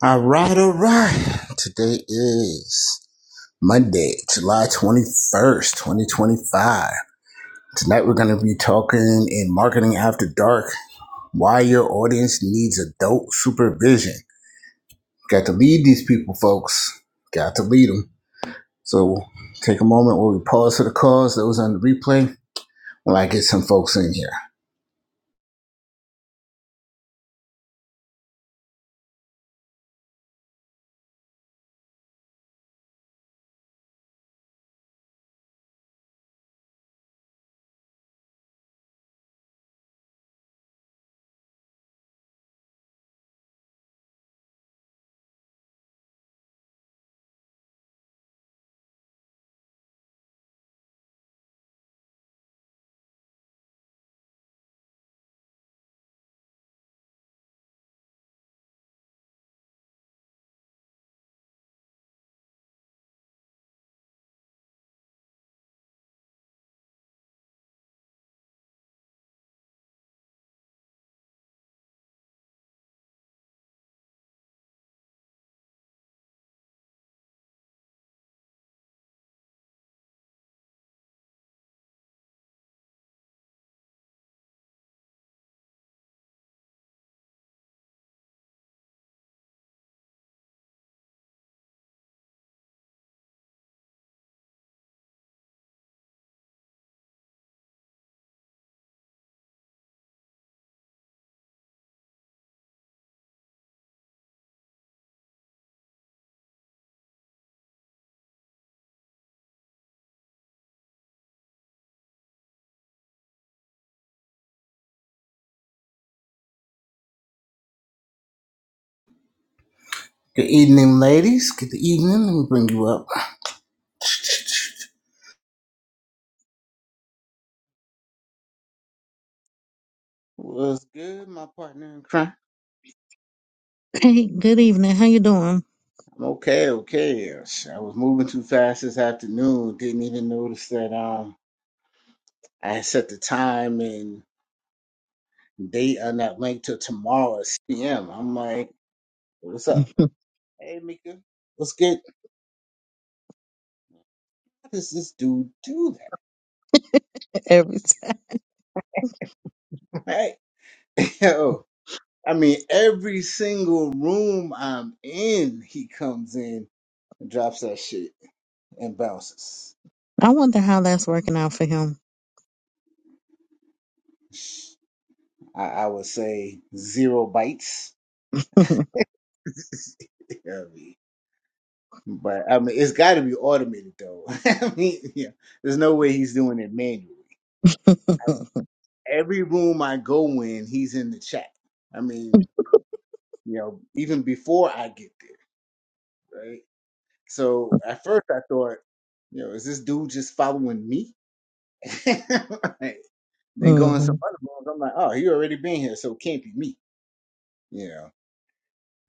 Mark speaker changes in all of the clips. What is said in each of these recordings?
Speaker 1: All right, all right. Today is Monday, July 21st, 2025. Tonight we're going to be talking in Marketing After Dark why your audience needs adult supervision. Got to lead these people, folks. Got to lead them. So take a moment where we pause for the cause, those on the replay, while I get some folks in here. Good evening, ladies. Good evening. Let me bring you up. What's good, my partner in crime?
Speaker 2: Hey, good evening. How you doing?
Speaker 1: I'm okay, okay. I was moving too fast this afternoon. Didn't even notice that um I had set the time and date on that link till tomorrow at 6 p.m. I'm like, what's up? Hey, Mika, what's good? How does this dude do that?
Speaker 2: Every time.
Speaker 1: Right? Yo, I mean, every single room I'm in, he comes in and drops that shit and bounces.
Speaker 2: I wonder how that's working out for him.
Speaker 1: I, I would say zero bites.
Speaker 2: mm
Speaker 1: You know what I mean? But I mean, it's got to be automated though. I mean, yeah, there's no way he's doing it manually. Every room I go in, he's in the chat. I mean, you know, even before I get there, right? So at first I thought, you know, is this dude just following me? right.
Speaker 2: hmm
Speaker 1: Then going
Speaker 2: mm
Speaker 1: some other rooms, I'm like, oh, he already been here, so it can't be me. You know,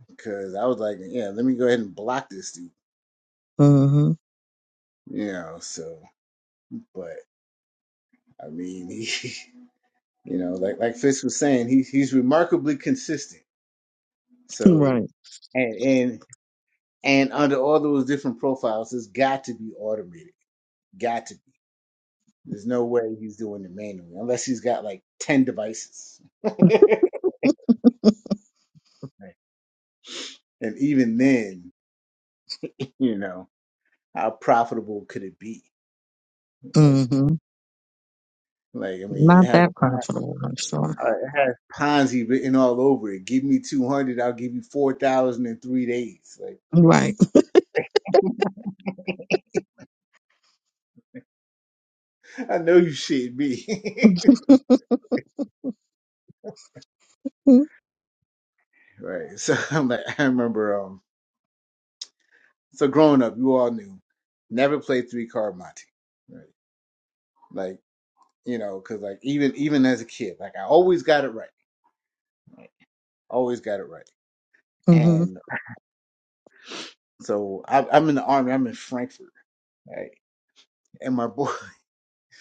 Speaker 1: because I was like, yeah, let me go ahead and block this dude.
Speaker 2: hmm
Speaker 1: You know, so but I mean, You know, like like Fitz was saying, he's he's remarkably consistent. So
Speaker 2: Right.
Speaker 1: and and and under all those different profiles, it's got to be automated. Got to be. There's no way he's doing it manually unless he's got like ten devices. and even then, you know, how profitable could it be? Like
Speaker 2: mm hmm
Speaker 1: like I mean, it
Speaker 2: Not
Speaker 1: has
Speaker 2: that
Speaker 1: uh,
Speaker 2: profitable, I'm sure.
Speaker 1: it has Ponzi written all over it. Give me two hundred, I'll give you four thousand in three days. Like
Speaker 2: Right.
Speaker 1: I know you shit me.
Speaker 2: mm
Speaker 1: Right. So I'm like, I remember. Um. So growing up, you all knew, never played three card Monte. Right. Like you know, because like even even as a kid, like I always got it right. Always got it right.
Speaker 2: hmm
Speaker 1: And so I, I'm in the army. I'm in Frankfurt. Right. And my boy,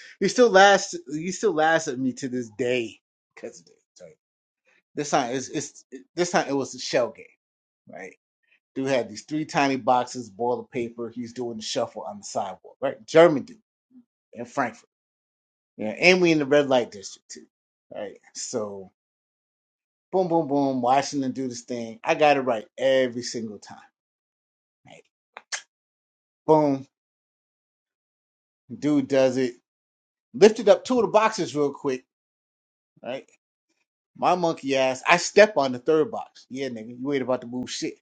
Speaker 1: he still laughs. He still laughs at me to this day because of this. Right? This time it's, it's this time it was a shell game. Right. Dude had these three tiny boxes, boiler paper. He's doing the shuffle on the sidewalk. Right. German dude in Frankfurt Yeah, and we in the red light district too. Right. So boom, boom, boom. Washington do this thing. I got it right every single time. Right. Boom. Dude does it. Lifted up two of the boxes real quick. Right. My monkey ass. I step on the third box. Yeah, nigga, you ain't about to move shit.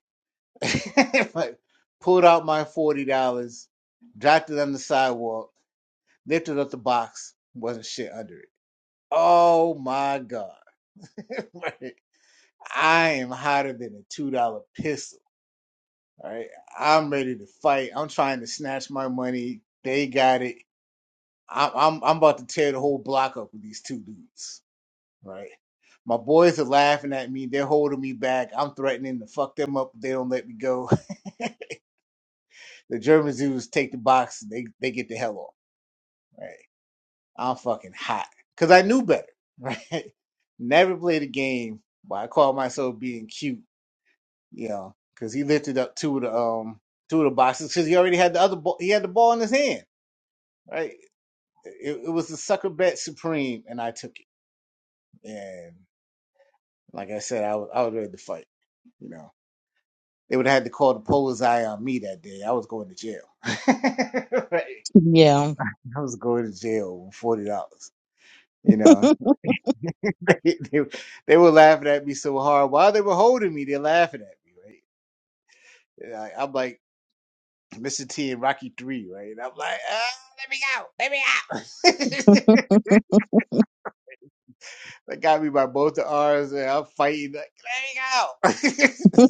Speaker 1: like, pulled out my forty dollars, dropped it on the sidewalk, lifted up the box, wasn't shit under it. Oh my god. Right. I am hotter than a two dollar piss All right, I'm ready to fight. I'm trying to snatch my money. They got it. I'm I'm I'm about to tear the whole block up with these two dudes. Right. My boys are laughing at me. They're holding me back. I'm threatening to fuck them up if they don't let me go. The German Zeus take the box. They they get the hell off. Right. I'm fucking hot because I knew better. Right. Never played a game, but I call myself being cute. You know, because he lifted up two of the um two of the boxes because he already had the other ball. He had the ball in his hand. right? It, it was the sucker bet supreme, and I took it. And like I said, I was I was ready to fight. You know, they would have had to call the police eye on me that day. I was going to jail. right?
Speaker 2: Yeah.
Speaker 1: I was going to jail with forty dollars. You know, they, they they were laughing at me so hard while they were holding me. They're laughing at me, right? And I, I'm like Mr. T in Rocky Three, right? And I'm like, ah, let me out, let me out. They got me by both the arms, and I'm fighting like, let me out.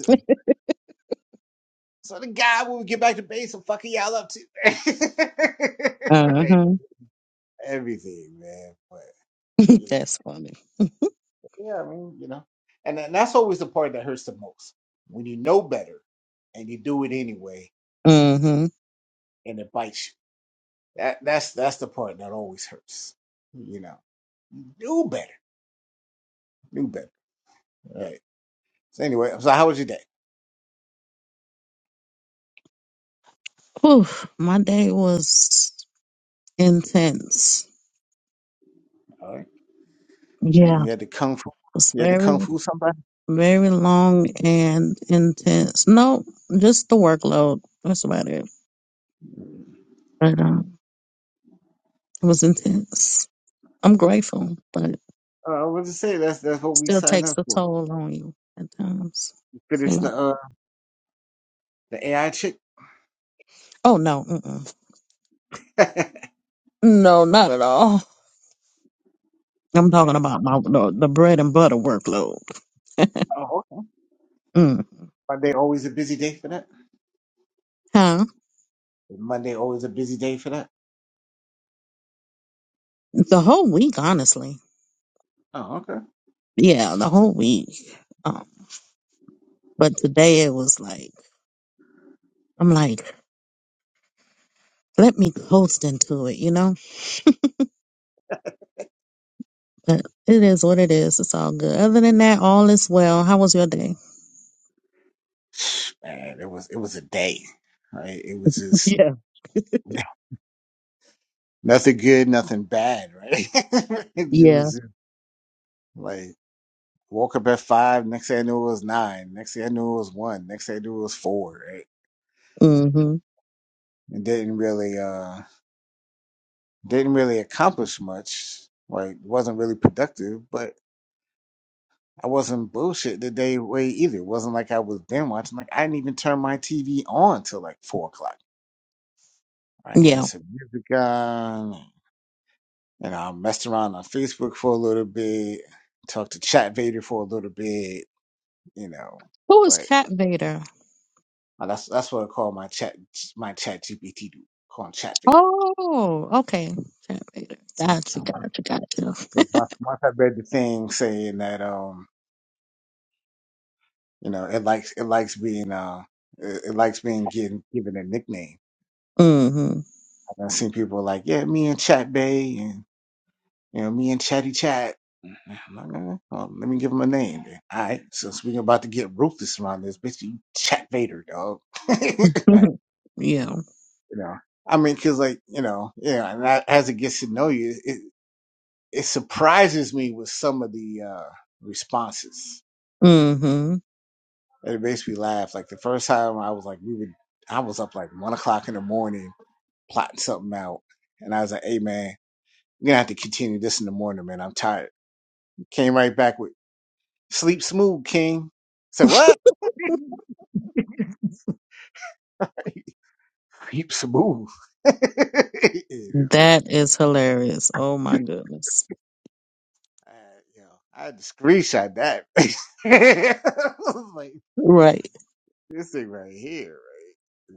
Speaker 1: So the guy, when we get back to base, will fucking y'all up too. Right.
Speaker 2: Uh-huh.
Speaker 1: Everything, man. But you know,
Speaker 2: That's funny.
Speaker 1: yeah, I mean, you know, and, and that's always the part that hurts the most when you know better and you do it anyway,
Speaker 2: Mm-hmm.
Speaker 1: and it bites you. That that's that's the part that always hurts. You know, you knew better, do better. All right. So anyway, so how was your day?
Speaker 2: Whew, my day was intense.
Speaker 1: All right. And
Speaker 2: Yeah.
Speaker 1: you had to kung fu.
Speaker 2: It was
Speaker 1: You had to kung
Speaker 2: very,
Speaker 1: fu somebody.
Speaker 2: very long and intense. No, just the workload. That's about it. But um, it was intense. I'm grateful, but it
Speaker 1: Uh, I was to say that's that's what we
Speaker 2: still
Speaker 1: signed
Speaker 2: takes
Speaker 1: up
Speaker 2: a
Speaker 1: for.
Speaker 2: toll on you at times.
Speaker 1: You
Speaker 2: It's a
Speaker 1: Finish
Speaker 2: lot.
Speaker 1: the uh the AI chick.
Speaker 2: Oh no, mm-mm.
Speaker 1: Man,
Speaker 2: no, not at all. I'm talking about my the, the bread and butter workload.
Speaker 1: Oh, okay.
Speaker 2: Mm.
Speaker 1: Monday always a busy day for that.
Speaker 2: Huh?
Speaker 1: Is Monday always a busy day for that.
Speaker 2: The whole week, honestly.
Speaker 1: Oh, okay.
Speaker 2: Yeah, the whole week. Um, but today it was like I'm like, let me coast into it, you know. But it is what it is. It's all good. Other than that, all is well. How was your day?
Speaker 1: Man, it was it was a day, right? It was just
Speaker 2: Yeah.
Speaker 1: nothing good, nothing bad, right? it
Speaker 2: Yeah.
Speaker 1: was just like woke up at five. Next thing I knew it was nine. Next thing I knew it was one. Next thing I knew it was four, right?
Speaker 2: Mm-hmm.
Speaker 1: And didn't really uh didn't really accomplish much. Like wasn't really productive, but. I wasn't bullshit the day way either. It wasn't like I was binge watching. Like I didn't even turn my TV on till like four o'clock. Right, And I had
Speaker 2: Yeah.
Speaker 1: some music on, and I messed around on Facebook for a little bit, talked to Chat Vader for a little bit, you know.
Speaker 2: Who is
Speaker 1: But
Speaker 2: Cat Vader?
Speaker 1: uh, that's that's what I call my chat my Chat GPT dude, call him Chat Vader.
Speaker 2: Oh, okay. Chat
Speaker 1: So,
Speaker 2: Gotcha,
Speaker 1: so, my-
Speaker 2: gotcha, gotcha.
Speaker 1: so once, once I read the thing saying that um you know it likes it likes being uh it, it likes being given given a nickname
Speaker 2: Mm-hmm.
Speaker 1: And I've seen people like, yeah, me and Chat Bay and, you know, me and Chatty Chat. I'm like, "Uh, well, let me give him a name. Then. All right. Since we're about to get ruthless around this, bitch, you Chat Vader, dog. Like,
Speaker 2: yeah.
Speaker 1: you know, I mean, cause like, you know, yeah, and I, as it gets to know you, it, it surprises me with some of the, uh, responses.
Speaker 2: Mm-hmm.
Speaker 1: And it makes me laugh. Like the first time I was like, we would, I was up like one o'clock in the morning plotting something out. And I was like, hey man, we are gonna have to continue this in the morning, man. I'm tired Came right back with sleep smooth, King. Said what? Sleep smooth. yeah, man.
Speaker 2: That is hilarious. Oh my goodness.
Speaker 1: I, yo, I had to screenshot that. I was like,
Speaker 2: Right.
Speaker 1: this thing right here,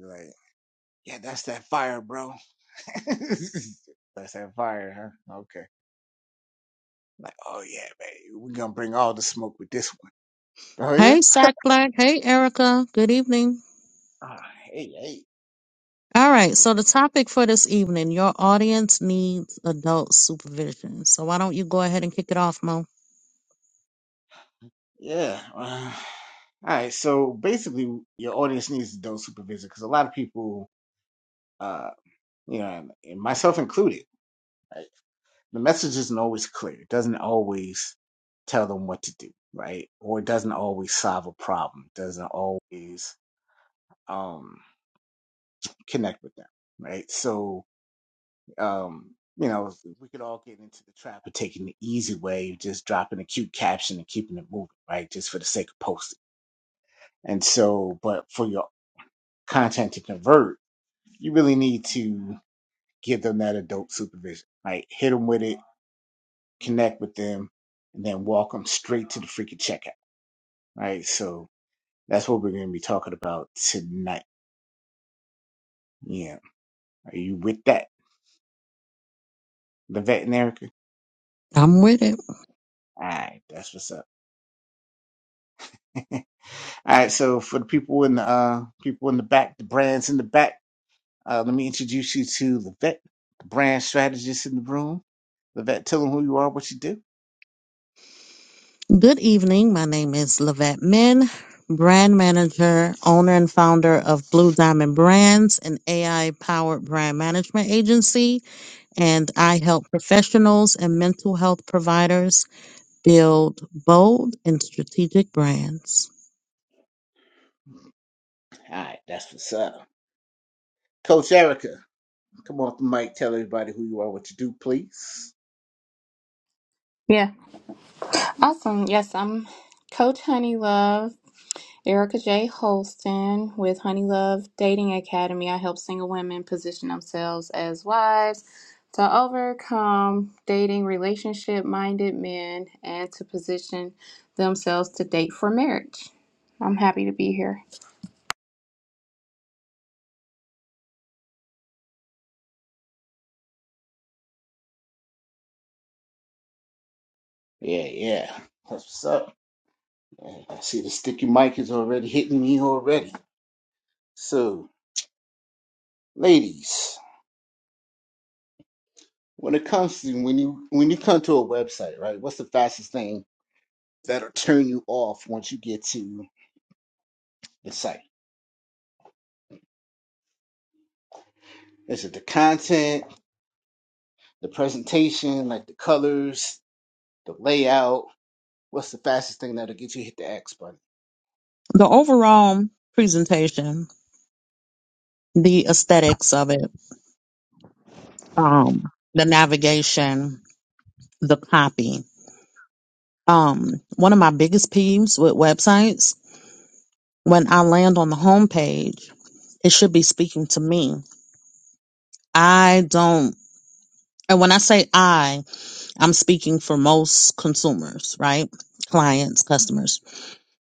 Speaker 1: right? Like, yeah, that's that fire, bro. that's that fire, huh? Okay. Like, oh yeah, baby, we're gonna bring all the smoke with this one. Oh yeah?
Speaker 2: Hey, Sack Black. Hey, Erica. Good evening.
Speaker 1: Ah, hey, hey.
Speaker 2: All right. So the topic for this evening, your audience needs adult supervision. So why don't you go ahead and kick it off, Mo?
Speaker 1: Yeah. uh, all right. So basically, your audience needs adult supervision because a lot of people, uh, you know, and, and myself included, right? The message isn't always clear. It doesn't always tell them what to do, right? Or it doesn't always solve a problem. It doesn't always um, connect with them, right? So, um, you know, we could all get into the trap of taking the easy way, just dropping a cute caption and keeping it moving, right? Just for the sake of posting. And so, but for your content to convert, you really need to give them that adult supervision. Like hit them with it, connect with them, and then walk them straight to the freaking checkout. Right. So that's what we're going to be talking about tonight. Yeah. Are you with that? The vet and Erica?
Speaker 2: I'm with it.
Speaker 1: All right. That's what's up. All right. So for the people in the, uh, people in the back, the brands in the back, uh, let me introduce you to the vet, the brand strategist in the room. The vet, tell them who you are, what you do.
Speaker 2: Good evening. My name is Lavette Min, brand manager, owner, and founder of Blue Diamond Brands, an AI powered brand management agency. And I help professionals and mental health providers build bold and strategic brands.
Speaker 1: All right. That's what's up. Coach Erica. Come off the mic, tell everybody who you are, what you do, please.
Speaker 3: Yeah. Awesome. Yes, I'm Coach Honeylove, Erica J. Holston with Honeylove Dating Academy. I help single women position themselves as wives to overcome dating relationship minded men and to position themselves to date for marriage. I'm happy to be here.
Speaker 1: Yeah, yeah. That's what's up. Yeah, I see the sticky mic is already hitting me already. So, ladies, when it comes to when you when you come to a website, right? What's the fastest thing that'll turn you off once you get to the site? Is it the content, the presentation, like the colors, the layout? What's the fastest thing that'll get you to hit the X button?
Speaker 2: The overall presentation, the aesthetics of it, um, the navigation, the copy. Um, one of my biggest peeves with websites when I land on the homepage it should be speaking to me. I don't, and when I say I, I'm speaking for most consumers, right? Clients, customers.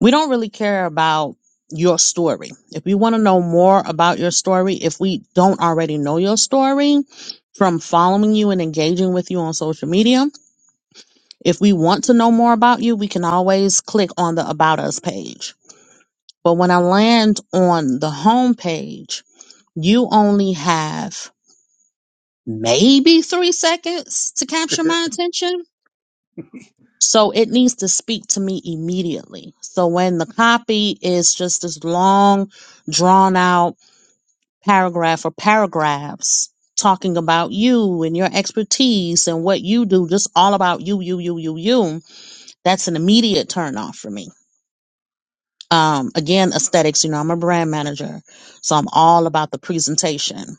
Speaker 2: We don't really care about your story. If we want to know more about your story, if we don't already know your story from following you and engaging with you on social media, if we want to know more about you, we can always click on the About Us page. But when I land on the home page, you only have maybe three seconds to capture my attention. So it needs to speak to me immediately. So when the copy is just this long, drawn out paragraph or paragraphs talking about you and your expertise and what you do, just all about you, you, you, you, you, that's an immediate turn off for me. Um, again, aesthetics, you know, I'm a brand manager, so I'm all about the presentation.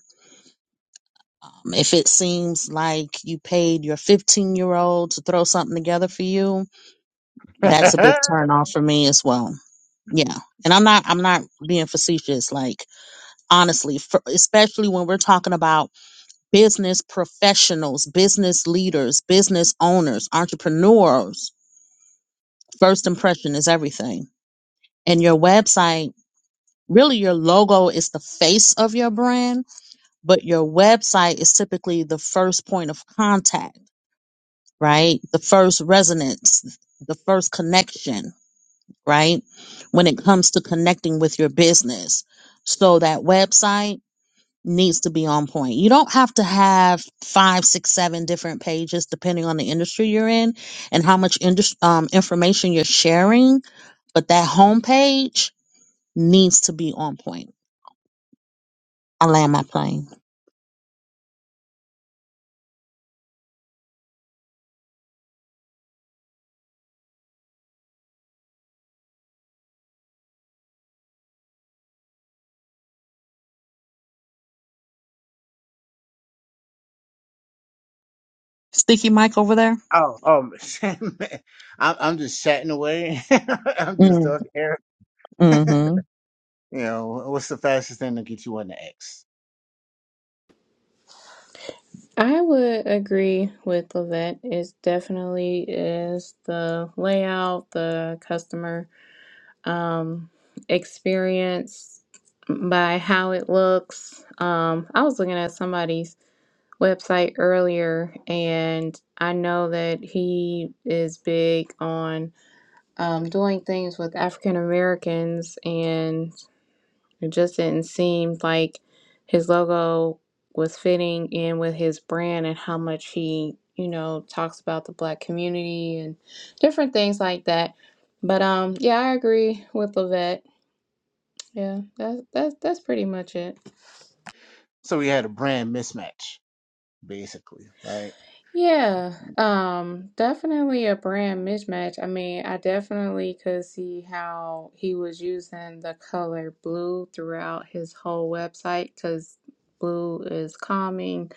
Speaker 2: Um, if it seems like you paid your 15 year old to throw something together for you, that's a big turn off for me as well. Yeah. And I'm not, I'm not being facetious. Like, honestly, for, especially when we're talking about business professionals, business leaders, business owners, entrepreneurs, first impression is everything. And your website, really your logo is the face of your brand, but your website is typically the first point of contact right? The first resonance, the first connection, right? When it comes to connecting with your business. So that website needs to be on point. You don't have to have five, six, seven different pages, depending on the industry you're in and how much indus- um, information you're sharing. But that homepage needs to be on point. I land my plane. Sticky mic over there.
Speaker 1: Oh, oh, man. I'm, I'm just chatting away. I'm just
Speaker 2: Mm,
Speaker 1: talking air.
Speaker 2: mhm.
Speaker 1: You know, what's the fastest thing to get you on the X?
Speaker 3: I would agree with Lavette. It definitely is the layout, the customer um, experience by how it looks. Um, I was looking at somebody's website earlier, and I know that he is big on um, doing things with African Americans, and it just didn't seem like his logo was fitting in with his brand and how much he, you know, talks about the black community and different things like that. But um, yeah, I agree with Lavette yeah, that's that's that's pretty much it.
Speaker 1: So we had a brand mismatch, basically, right?
Speaker 3: Yeah, um, definitely a brand mismatch. I mean, I definitely could see how he was using the color blue throughout his whole website because blue is calming.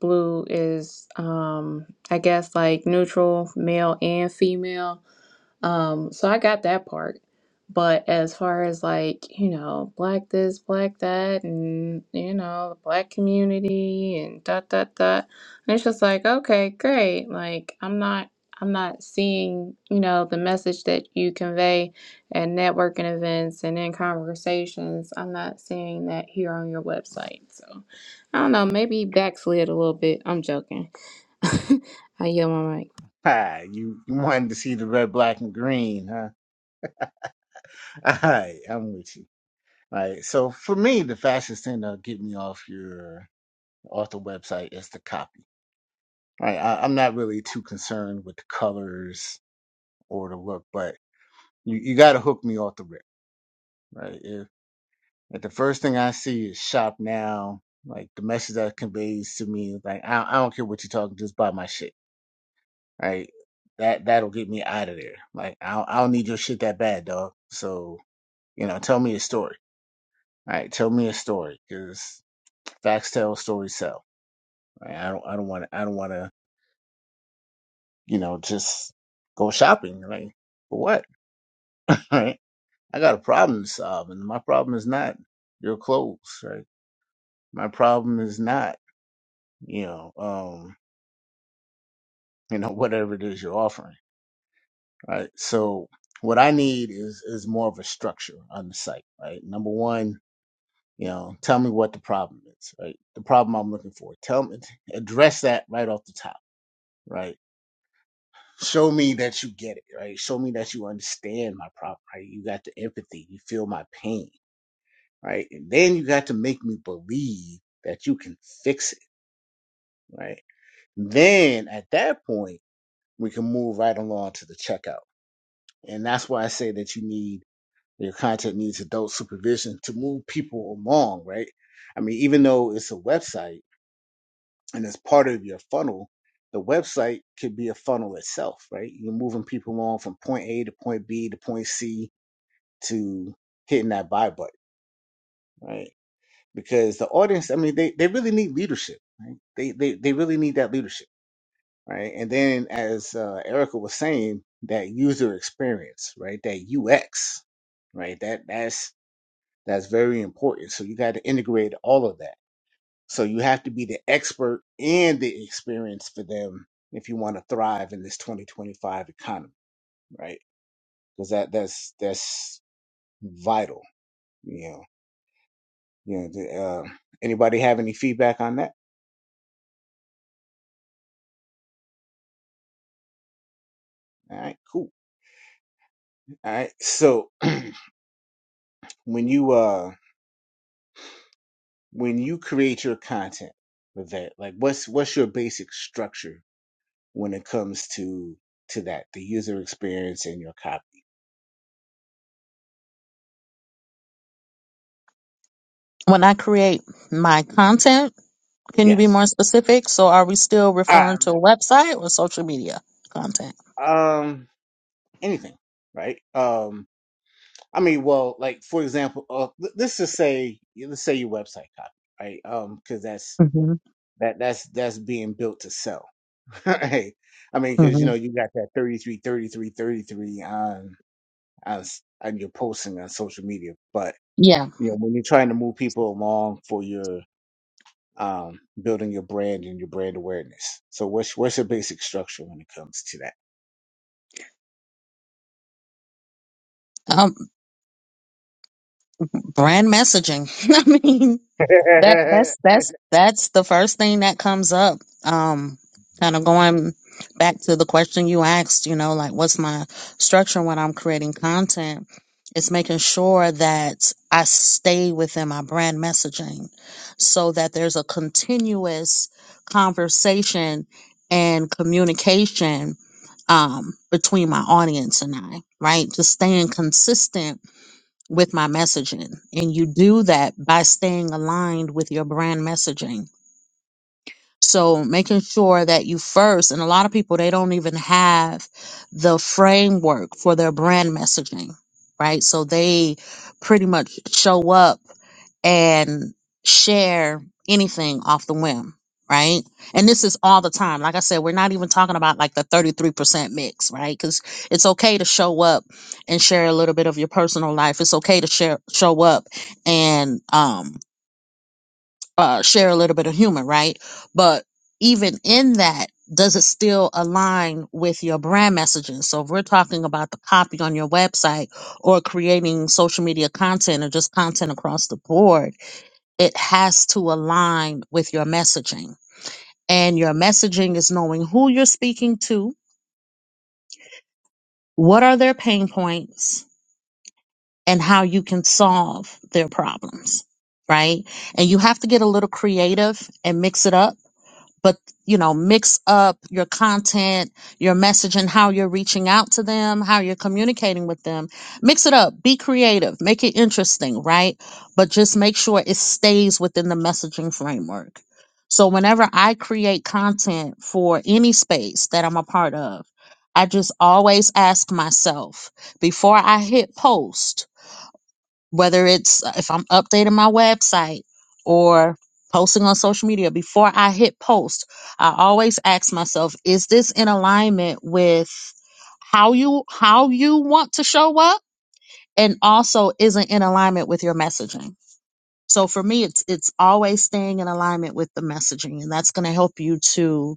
Speaker 3: Blue is, um, I guess like neutral, male and female. Um, so I got that part. But as far as like, you know, black this, black that, and, you know, the black community and dot, dot, dot. And it's just like, okay, great. Like, I'm not, I'm not seeing, you know, the message that you convey at networking events and in conversations. I'm not seeing that here on your website. So I don't know, maybe backslid a little bit. I'm joking. I yell my mic.
Speaker 1: Hi, you, you wanted to see the red, black, and green, huh? All right, I'm with you. All right, so for me, the fastest thing to get me off your author website is the copy. All right, I, I'm not really too concerned with the colors or the look, but you, you got to hook me off the rip, right? Like the first thing I see is shop now. Like the message that conveys to me, is like I, I don't care what you're talking, just buy my shit. Right? That that'll get me out of there. Like I don't, I don't need your shit that bad, dog. So you know, tell me a story. All right, tell me a story because facts tell, stories sell. Right? I don't I don't want to I don't want to you know just go shopping. Like for what? All Right? I got a problem to solve, and my problem is not your clothes. Right? My problem is not you know. um you know, whatever it is you're offering, right? So what I need is is more of a structure on the site, right? Number one, you know, tell me what the problem is, right? The problem I'm looking for. Tell me address that right off the top, right? Show me that you get it, right? Show me that you understand my problem, right? You got the empathy, you feel my pain, right? And then you got to make me believe that you can fix it, right? Then at that point, we can move right along to the checkout. And that's why I say that you need Your content needs adult supervision to move people along, right? I mean, even though it's a website and it's part of your funnel, the website could be a funnel itself, right? You're moving people along from point A to point B to point C to hitting that buy button, right? Because the audience, I mean, they, they really need leadership, right? They, they, they really need that leadership, right? And then as uh, Erica was saying, that user experience, right? That UX, right? That, that's That's very important. So you got to integrate all of that. So you have to be the expert and the experience for them if you want to thrive in this 2025 economy, right? Because that that's that's vital. You know, you know. The, uh, anybody have any feedback on that? All right, cool. All right. So when you uh when you create your content with that, like what's what's your basic structure when it comes to to that the user experience and your copy?
Speaker 2: When I create my content, can you be
Speaker 1: Yes.
Speaker 2: more specific? So are we still referring to a website or social media content?
Speaker 1: Um, anything, right? Um, I mean, well, like for example, uh, l- let's just say let's say your website copy, right? Um, because that's
Speaker 2: hmm
Speaker 1: that that's that's being built to sell, right? I mean, because you
Speaker 2: hmm
Speaker 1: know you got that 33, 33, 33 on on s- on your posting on social media, but
Speaker 2: Yeah.
Speaker 1: you know when you're trying to move people along for your um building your brand and your brand awareness. So what's what's your basic structure when it comes to
Speaker 2: Um, brand messaging. I mean, That
Speaker 1: that?
Speaker 2: that's that's that's the first thing that comes up. Um, kind of going back to the question you asked, you know, like what's my structure when I'm creating content? It's making sure that I stay within my brand messaging so that there's a continuous conversation and communication um, between my audience and I, right? Just staying consistent with my messaging. And you do that by staying aligned with your brand messaging. So making sure that you first, and a lot of people, they don't even have the framework for their brand messaging, right? So they pretty much show up and share anything off the whim, right? And this is all the time. Like I said, we're not even talking about like the 33% mix, right? Because it's okay to show up and share a little bit of your personal life. It's okay to share, show up and, um uh, share a little bit of humor, right? But even in that, does it still align with your brand messaging? So if we're talking about the copy on your website or creating social media content or just content across the board, it has to align with your messaging. And your messaging is knowing who you're speaking to, what are their pain points, and how you can solve their problems, right? And you have to get a little creative and mix it up but you know mix up your content your messaging how you're reaching out to them how you're communicating with them mix it up be creative make it interesting right but just make sure it stays within the messaging framework so whenever i create content for any space that i'm a part of i just always ask myself before i hit post whether it's uh, if I'm updating my website or posting on social media, before I hit post, I always ask myself, is this in alignment with how you how you want to show up and also isn't in alignment with your messaging. So for me it's it's always staying in alignment with the messaging and that's going to help you to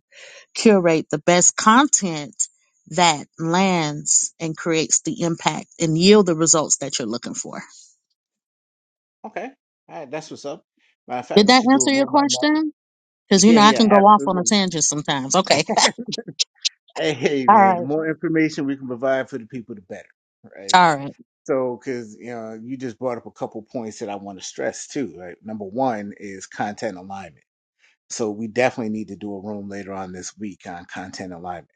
Speaker 2: curate the best content that lands and creates the impact and yield the results that you're looking for.
Speaker 1: Okay. All right, that's what's up. Matter of fact,
Speaker 2: Did
Speaker 1: we
Speaker 2: that
Speaker 1: should do a
Speaker 2: answer your
Speaker 1: room on that.
Speaker 2: question? Because you
Speaker 1: Yeah,
Speaker 2: know I
Speaker 1: yeah,
Speaker 2: can go off on a
Speaker 1: absolutely.
Speaker 2: tangent sometimes. Okay.
Speaker 1: Hey, hey,
Speaker 2: All
Speaker 1: man, the
Speaker 2: right.
Speaker 1: more information we can provide for the people, the better, right?
Speaker 2: All right.
Speaker 1: So, because you know, you just brought up a couple points that I want to stress too, right? Number one is content alignment. So we definitely need to do a room later on this week on content alignment,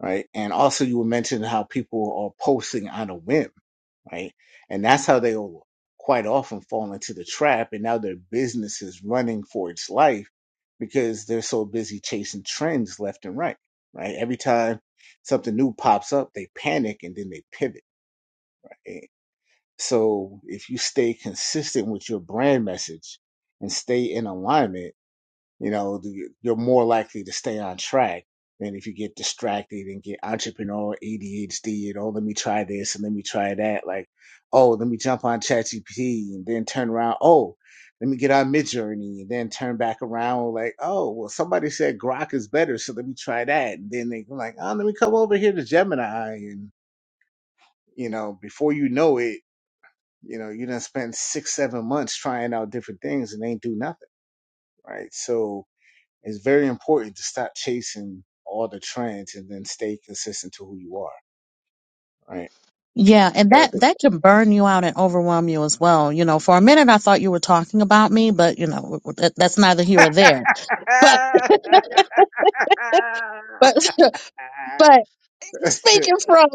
Speaker 1: right? And also, you were mentioning how people are posting on a whim right? And that's how they will quite often fall into the trap. And now their business is running for its life because they're so busy chasing trends left and right, right? Every time something new pops up, they panic and then they pivot. right? So if you stay consistent with your brand message and stay in alignment, you know the- you're more likely to stay on track than if you get distracted and get entrepreneurial adhd and oh let me try this and let me try that like oh let me jump on ChatGPT and then turn around oh let me get on midjourney and then turn back around like oh well somebody said grok is better so let me try that and then they like oh let me come over here to gemini and you know before you know it you know you done spend six seven months trying out different things and ain't do nothing right so it's very important to stop chasing all the trends and then stay consistent to who you are, right?
Speaker 2: Yeah, and
Speaker 1: Erica.
Speaker 2: that that can burn you out and overwhelm you as well. You know, for a minute I thought you were talking about me, but you know that, that's neither here or there. But but but speaking from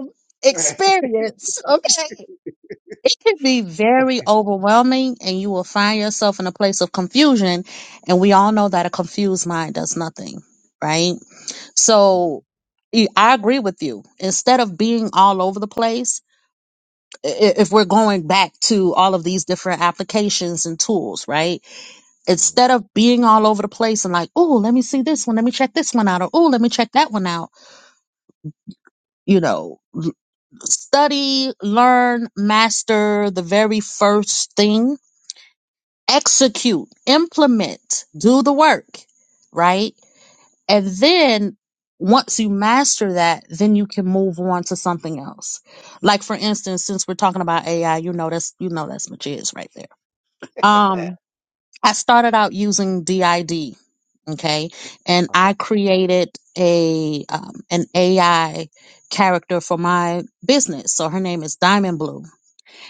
Speaker 2: experience, okay, it can be very overwhelming, and you will find yourself in a place of confusion. And we all know that a confused mind does nothing, right?
Speaker 1: Mm,
Speaker 2: So y- I agree with you. Instead of being all over the place, i- i- if we're going back to all of these different applications and tools, right?
Speaker 1: mm.
Speaker 2: Instead of being all over the place and like, oh, let me see this one, let me check this one out, or oh, let me check that one out, you know, study, learn, master the very first thing, execute, implement, do the work, right? And then once you master that, then you can move on to something else. Like for instance, since we're talking about AI, you know that's you know that's my jizz right there. Um, I started out using DID, okay, and I created a um, an AI character for my business. So her name is Diamond Blue,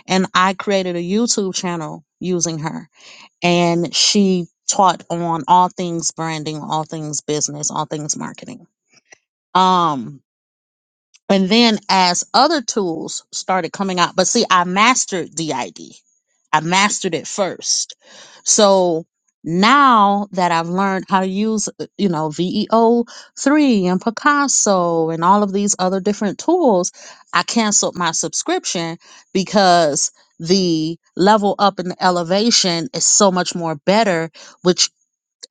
Speaker 2: and I created a YouTube channel using her, and she taught on all things branding, all things business, all things marketing um, and then as other tools started coming out, but see, I mastered DID. I mastered it first. So now that I've learned how to use, uh, you know, VEO3 and Picasso and all of these other different tools, I canceled my subscription because the level up and the elevation is so much more better, which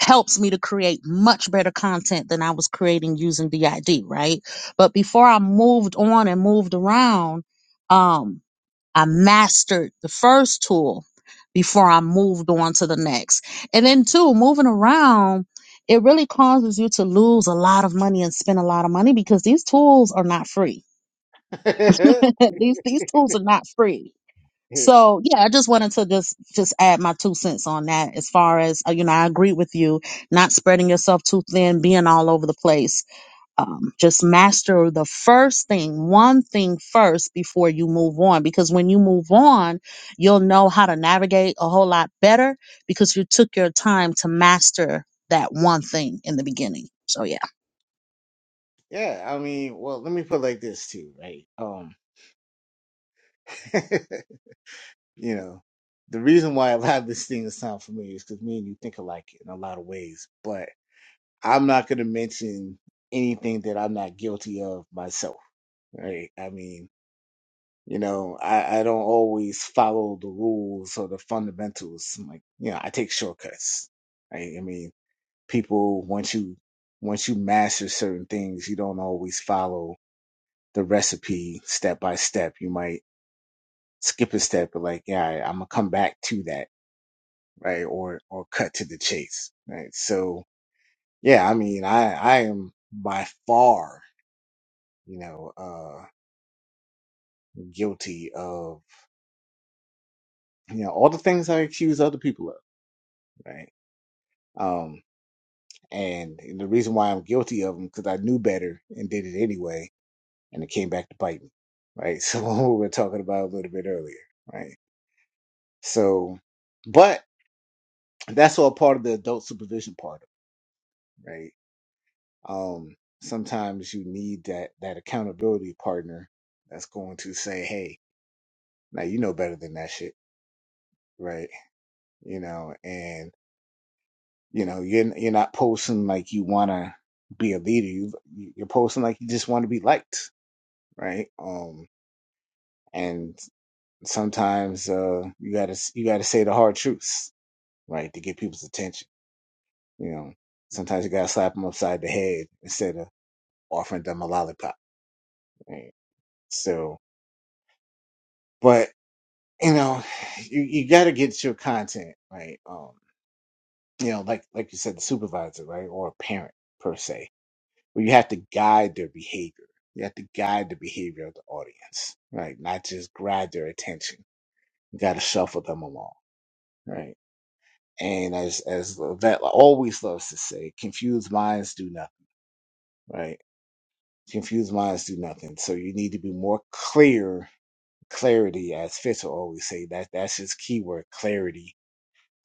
Speaker 2: helps me to create much better content than I was creating using DID, right? But before I moved on and moved around, um, I mastered the first tool before I moved on to the next. And then too, moving around, it really causes you to lose a lot of money and spend a lot of money because these tools are not free.
Speaker 1: okay.
Speaker 2: these these tools are not free so yeah, I just wanted to just just add my two cents on that. As far as uh, you know, I agree with you. Not spreading yourself too thin, being all over the place um, just master the first thing, one thing first before you move on. Because when you move on, you'll know how to navigate a whole lot better because you took your time to master that one thing in the beginning. So, yeah.
Speaker 1: yeah, I mean, well, let me put it like this too, right? Um, you know, the reason why a lot of this thing is sound familiar is because me and you think alike in a lot of ways, but I'm not going to mention anything that I'm not guilty of myself, right? I mean, You know, I, I don't always follow the rules or the fundamentals. I'm like, you know, I take shortcuts. I, I mean, people once you once you master certain things, you don't always follow the recipe step by step. You might skip a step, but like, yeah, I, I'm gonna come back to that, right? Or or cut to the chase, right? So yeah, I mean, I I am by far, you know, uh guilty of you know all the things I accuse other people of, right? Um, And the reason why I'm guilty of them because I knew better and did it anyway, and it came back to bite me, right? So we were talking about a little bit earlier, right? So, but that's all part of the adult supervision part, of it, right? Um, sometimes you need that that accountability partner that's going to say, "Hey, now you know better than that shit, right?" You know, and you know you're you're not posting like you want to be a leader. You you're posting like you just want to be liked, right? Um, and sometimes uh, you gotta you gotta say the hard truths, right, to get people's attention. You know, sometimes you gotta slap them upside the head instead of offering them a lollipop. Right? So, but you know, you, you gotta get your content right. Um, you know, like like you said, the supervisor, right, or a parent per se, where you have to guide their behavior. You have to guide the behavior of the audience, right? Not just grab their attention. You gotta shuffle them along, right? And as as Vet always loves to say, confused minds do nothing, right? Confused minds do nothing. So you need to be more clear, clarity, as Fitz will always say, that that's his keyword, clarity,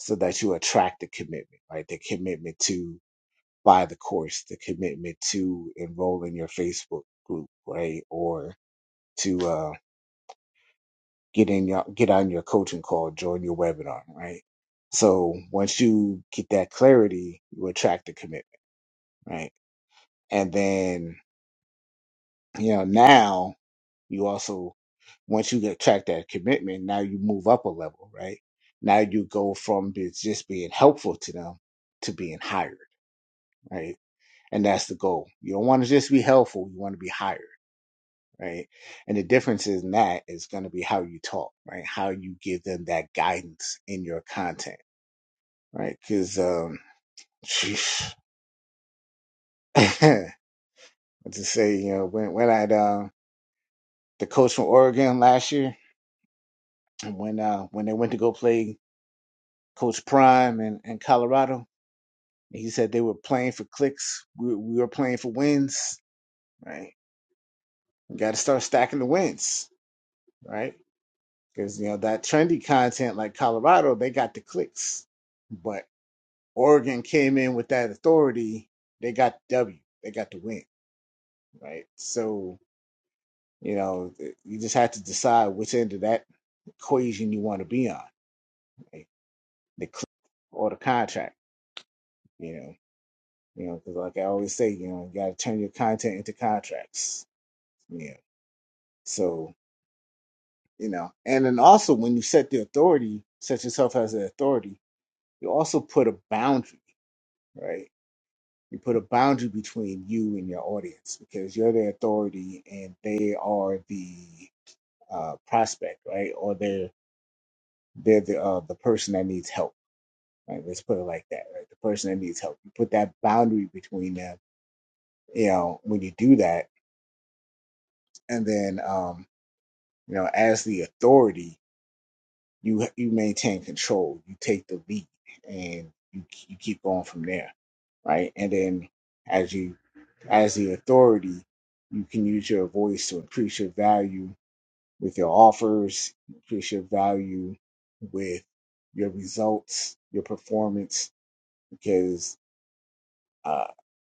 Speaker 1: so that you attract the commitment, right? The commitment to buy the course, the commitment to enroll in your Facebook group, right? Or to uh get in your get on your coaching call, join your webinar, right? So once you get that clarity, you attract the commitment, right? And then, you know, now you also, once you get track that commitment, now you move up a level, right? Now you go from be- just being helpful to them to being hired, right? And that's the goal. You don't want to just be helpful. You want to be hired, right? And the difference in that is going to be how you talk, right? How you give them that guidance in your content, right? Cause, um, what to say, you know, when, when I, um, the coach from Oregon last year. when uh when they went to go play Coach Prime in, in Colorado. He said they were playing for clicks. We, we were playing for wins, right? You got to start stacking the wins, right? Because you know that trendy content like Colorado, they got the clicks, but Oregon came in with that authority. They got the W. They got the win, right? So you know you just have to decide which end of that equation you want to be on, right? the click or the contract. You know. You know, because like I always say, you know, you got to turn your content into contracts. Yeah. So, you know, and then also when you set the authority, set yourself as the authority, you also put a boundary, right? You put a boundary between you and your audience because you're the authority and they are the uh, prospect, right? Or they're they're the uh, the person that needs help. Right? Let's put it like that, right? The person that needs help. You put that boundary between them. You know, when you do that, and then um, You know, as the authority, you you maintain control, you take the lead, and you you keep going from there, right? And then as you as the authority, you can use your voice to increase your value with your offers, increase your value with your results, your performance, because uh,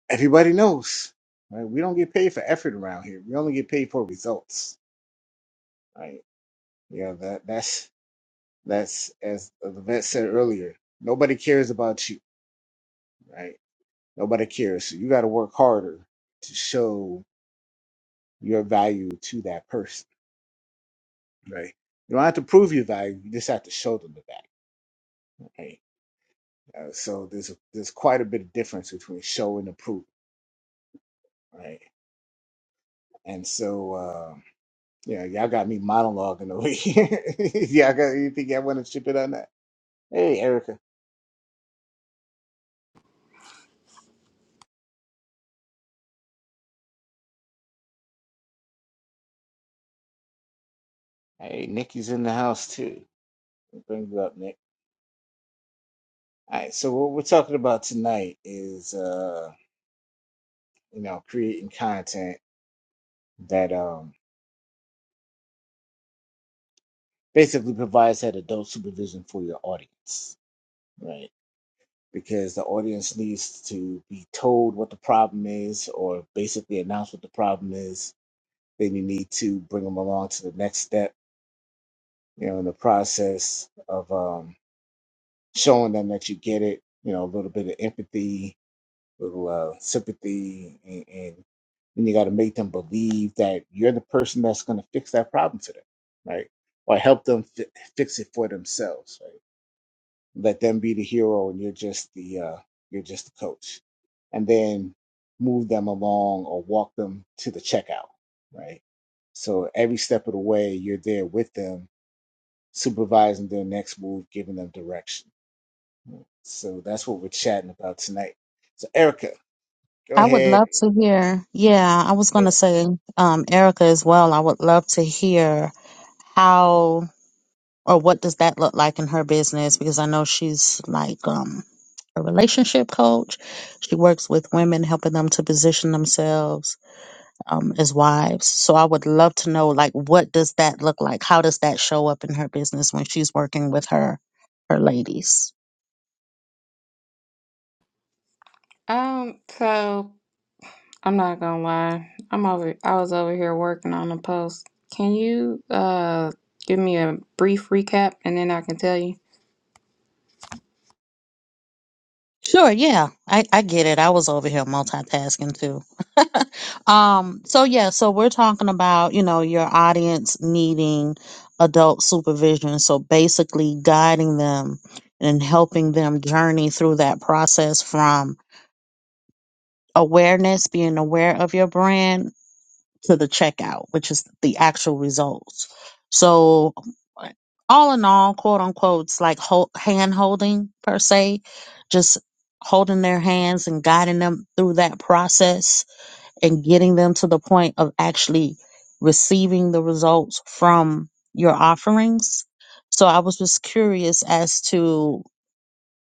Speaker 1: everybody knows, right? We don't get paid for effort around here. We only get paid for results, right? Yeah, that that's That's as the vet said earlier. Nobody cares about you, right? Nobody cares. So you got to work harder to show your value to that person, right? You don't have to prove your value. You just have to show them the value, right? Uh, so there's there's quite a bit of difference between show and approve, right? And so uh, yeah, y'all got me monologuing over here. y'all got anything y'all want to chip in on that? Hey, Erica. Hey, Nikki's in the house too. Bring you up, Nick. All right, so what we're talking about tonight is, uh, you know, creating content that um, basically provides that adult supervision for your audience, right? Because the audience needs to be told what the problem is, or basically announce what the problem is. Then you need to bring them along to the next step, you know, in the process of um, showing them that you get it. You know, a little bit of empathy, little uh, sympathy, and, and then you got to make them believe that you're the person that's going to fix that problem for them, right? Or help them fi- fix it for themselves, right? Let them be the hero, and you're just the uh, you're just the coach, and then move them along or walk them to the checkout, right? So every step of the way, you're there with them, supervising their next move, giving them direction. So that's what we're chatting about tonight. So Erica, go
Speaker 2: I would
Speaker 1: ahead
Speaker 2: love to hear. Yeah, I was going to say, um, Erica as well. I would love to hear how or what does that look like in her business because I know she's like um, a relationship coach. She works with women, helping them to position themselves um, as wives. So I would love to know, like, what does that look like? How does that show up in her business when she's working with her her ladies?
Speaker 3: Um, so I'm not gonna lie. I'm over I was over here working on a post. Can you uh give me a brief recap and then I can tell you?
Speaker 2: Sure, yeah. I, I get it. I was over here multitasking too. um, so yeah, so we're talking about, you know, your audience needing adult supervision. So basically guiding them and helping them journey through that process from awareness, being aware of your brand to the checkout, which is the actual results. So, all in all, quote unquote, it's like hold, hand holding per se, just holding their hands and guiding them through that process and getting them to the point of actually receiving the results from your offerings. So, I was just curious as to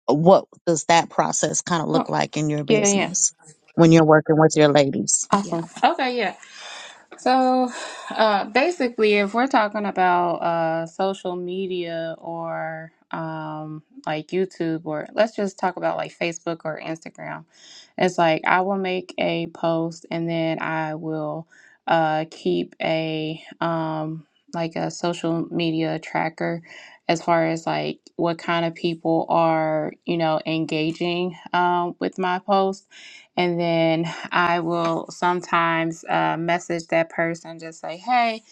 Speaker 2: what does that process kind of look
Speaker 3: Oh,
Speaker 2: like in your
Speaker 3: yeah, yeah.
Speaker 2: business when you're working with your ladies? Yeah.
Speaker 3: Awesome. Okay, yeah. So uh, basically, if we're talking about uh, social media or um, like YouTube, or let's just talk about like Facebook or Instagram, it's like I will make a post and then I will uh, keep a um, like a social media tracker as far as like what kind of people are you know engaging um, with my post and then I will sometimes uh, message that person, just say, hey,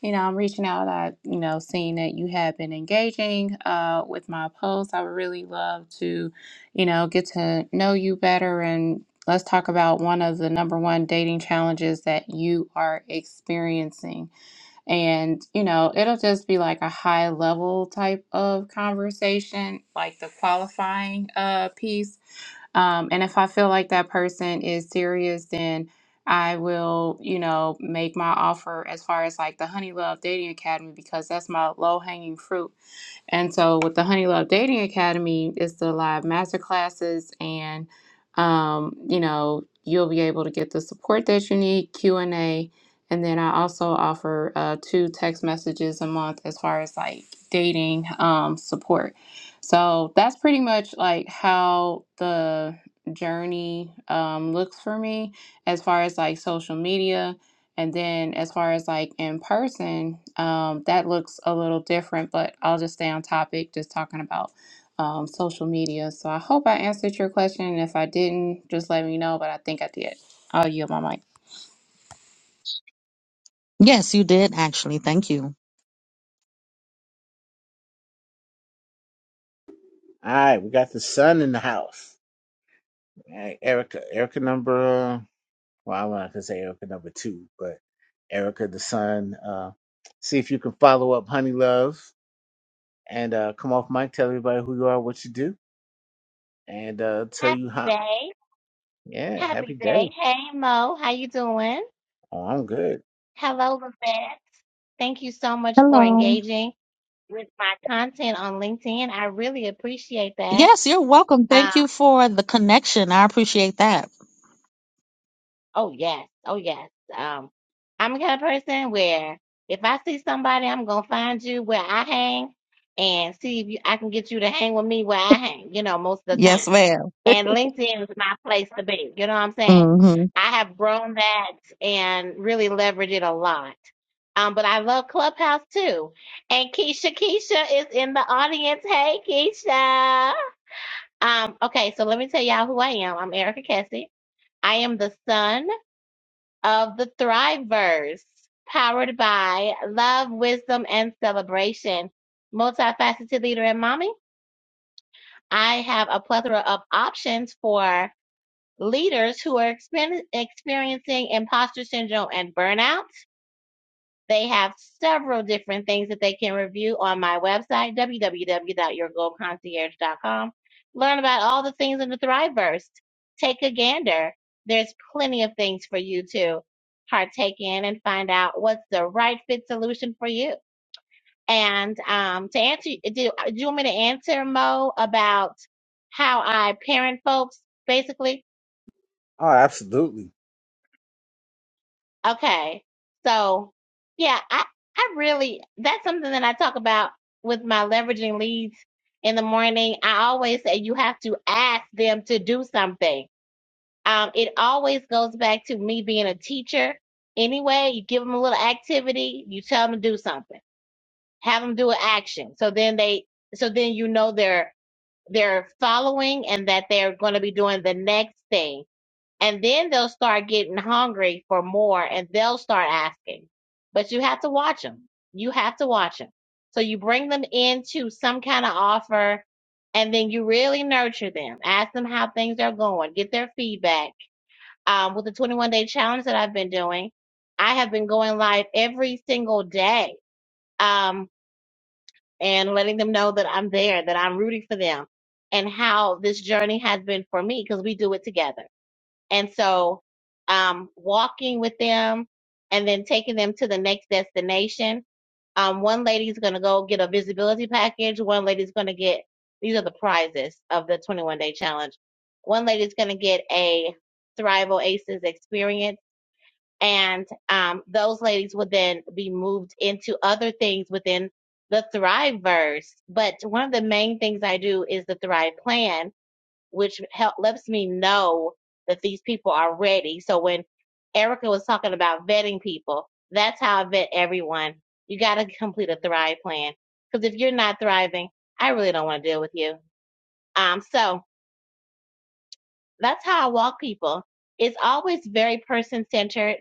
Speaker 3: you know, I'm reaching out. I, you know, seeing that you have been engaging uh, with my posts. I would really love to, you know, get to know you better and let's talk about one of the number one dating challenges that you are experiencing and, you know, it'll just be like a high level type of conversation, like the qualifying uh, piece. Um, and if I feel like that person is serious, then I will, you know, make my offer as far as like the Honey Love Dating Academy because that's my low hanging fruit and so with the Honey Love Dating Academy, it's the live master classes and um, you know, you'll be able to get the support that you need, Q&A, and A, and then I also offer uh, two text messages a month as far as like dating um, support. So that's pretty much like how the journey um, looks for me as far as like social media. And then as far as like in person, um, that looks a little different, but I'll just stay on topic, just talking about um, social media. So I hope I answered your question. If I didn't, just let me know, but I think I did. I'll yield my mic.
Speaker 2: Yes, you did actually. Thank you.
Speaker 1: All right, we got the son in the house. All right, Erica. Erica number uh, well, I want to say Erica number two, but Erica the son. Uh, see if you can follow up, honey love, and uh, come off mic. Tell everybody who you are, what you do, and uh, tell
Speaker 4: Happy
Speaker 1: you how.
Speaker 4: day.
Speaker 1: Yeah, happy
Speaker 4: Happy day.
Speaker 1: day.
Speaker 4: Hey Mo, how you doing?
Speaker 1: Oh, I'm good.
Speaker 4: Hello, Levette. Thank you so much for
Speaker 2: Hello.
Speaker 4: engaging with my content on LinkedIn. I really appreciate that.
Speaker 2: Yes, you're welcome.
Speaker 4: Uh,
Speaker 2: Thank you for the connection. I appreciate that.
Speaker 4: oh yes, oh yes. Um, I'm the kind of person where if I see somebody, I'm gonna find you where I hang and see if you, I can get you to hang with me where I hang, you know, most of the
Speaker 2: Yes,
Speaker 4: time.
Speaker 2: ma'am.
Speaker 4: and LinkedIn is my place to be. You know what I'm saying?
Speaker 2: hmm
Speaker 4: I have grown that and really leveraged it a lot. Um, but I love Clubhouse too. And Keisha, Keisha is in the audience. Hey, Keisha. Um, okay, so let me tell y'all who I am. I'm Erica Kessie. I am the son of the Thrivers, powered by love, wisdom, and celebration. Multifaceted leader and mommy. I have a plethora of options for leaders who are expen- experiencing imposter syndrome and burnout. They have several different things that they can review on my website, www.yourgoldconcierge.com. Learn about all the things in the Thriveverse. Take a gander. There's plenty of things for you to partake in and find out what's the right fit solution for you. And um, to answer, do, do you want me to answer Mo about how I parent folks, basically?
Speaker 1: Oh, absolutely.
Speaker 4: Okay. So, yeah, I, I really, that's something that I talk about with my leveraging leads in the morning. I always say you have to ask them to do something. Um, it always goes back to me being a teacher. Anyway, you give them a little activity, you tell them to do something, have them do an action. So then they, so then you know they're, they're following and that they're going to be doing the next thing and then they'll start getting hungry for more and they'll start asking but you have to watch them you have to watch them so you bring them into some kind of offer and then you really nurture them ask them how things are going get their feedback um, with the 21 day challenge that i've been doing i have been going live every single day um, and letting them know that i'm there that i'm rooting for them and how this journey has been for me because we do it together and so, um, walking with them and then taking them to the next destination. Um, one lady's going to go get a visibility package. One lady's going to get, these are the prizes of the 21 day challenge. One lady's going to get a Thrival Aces experience. And um, those ladies would then be moved into other things within the Thriveverse. But one of the main things I do is the Thrive Plan which help, lets me know that these people are ready. So when Erica was talking about vetting people, that's how I vet everyone. You got to complete a Thrive plan because if you're not thriving, I really don't want to deal with you. Um, so that's how I walk people. It's always very person centered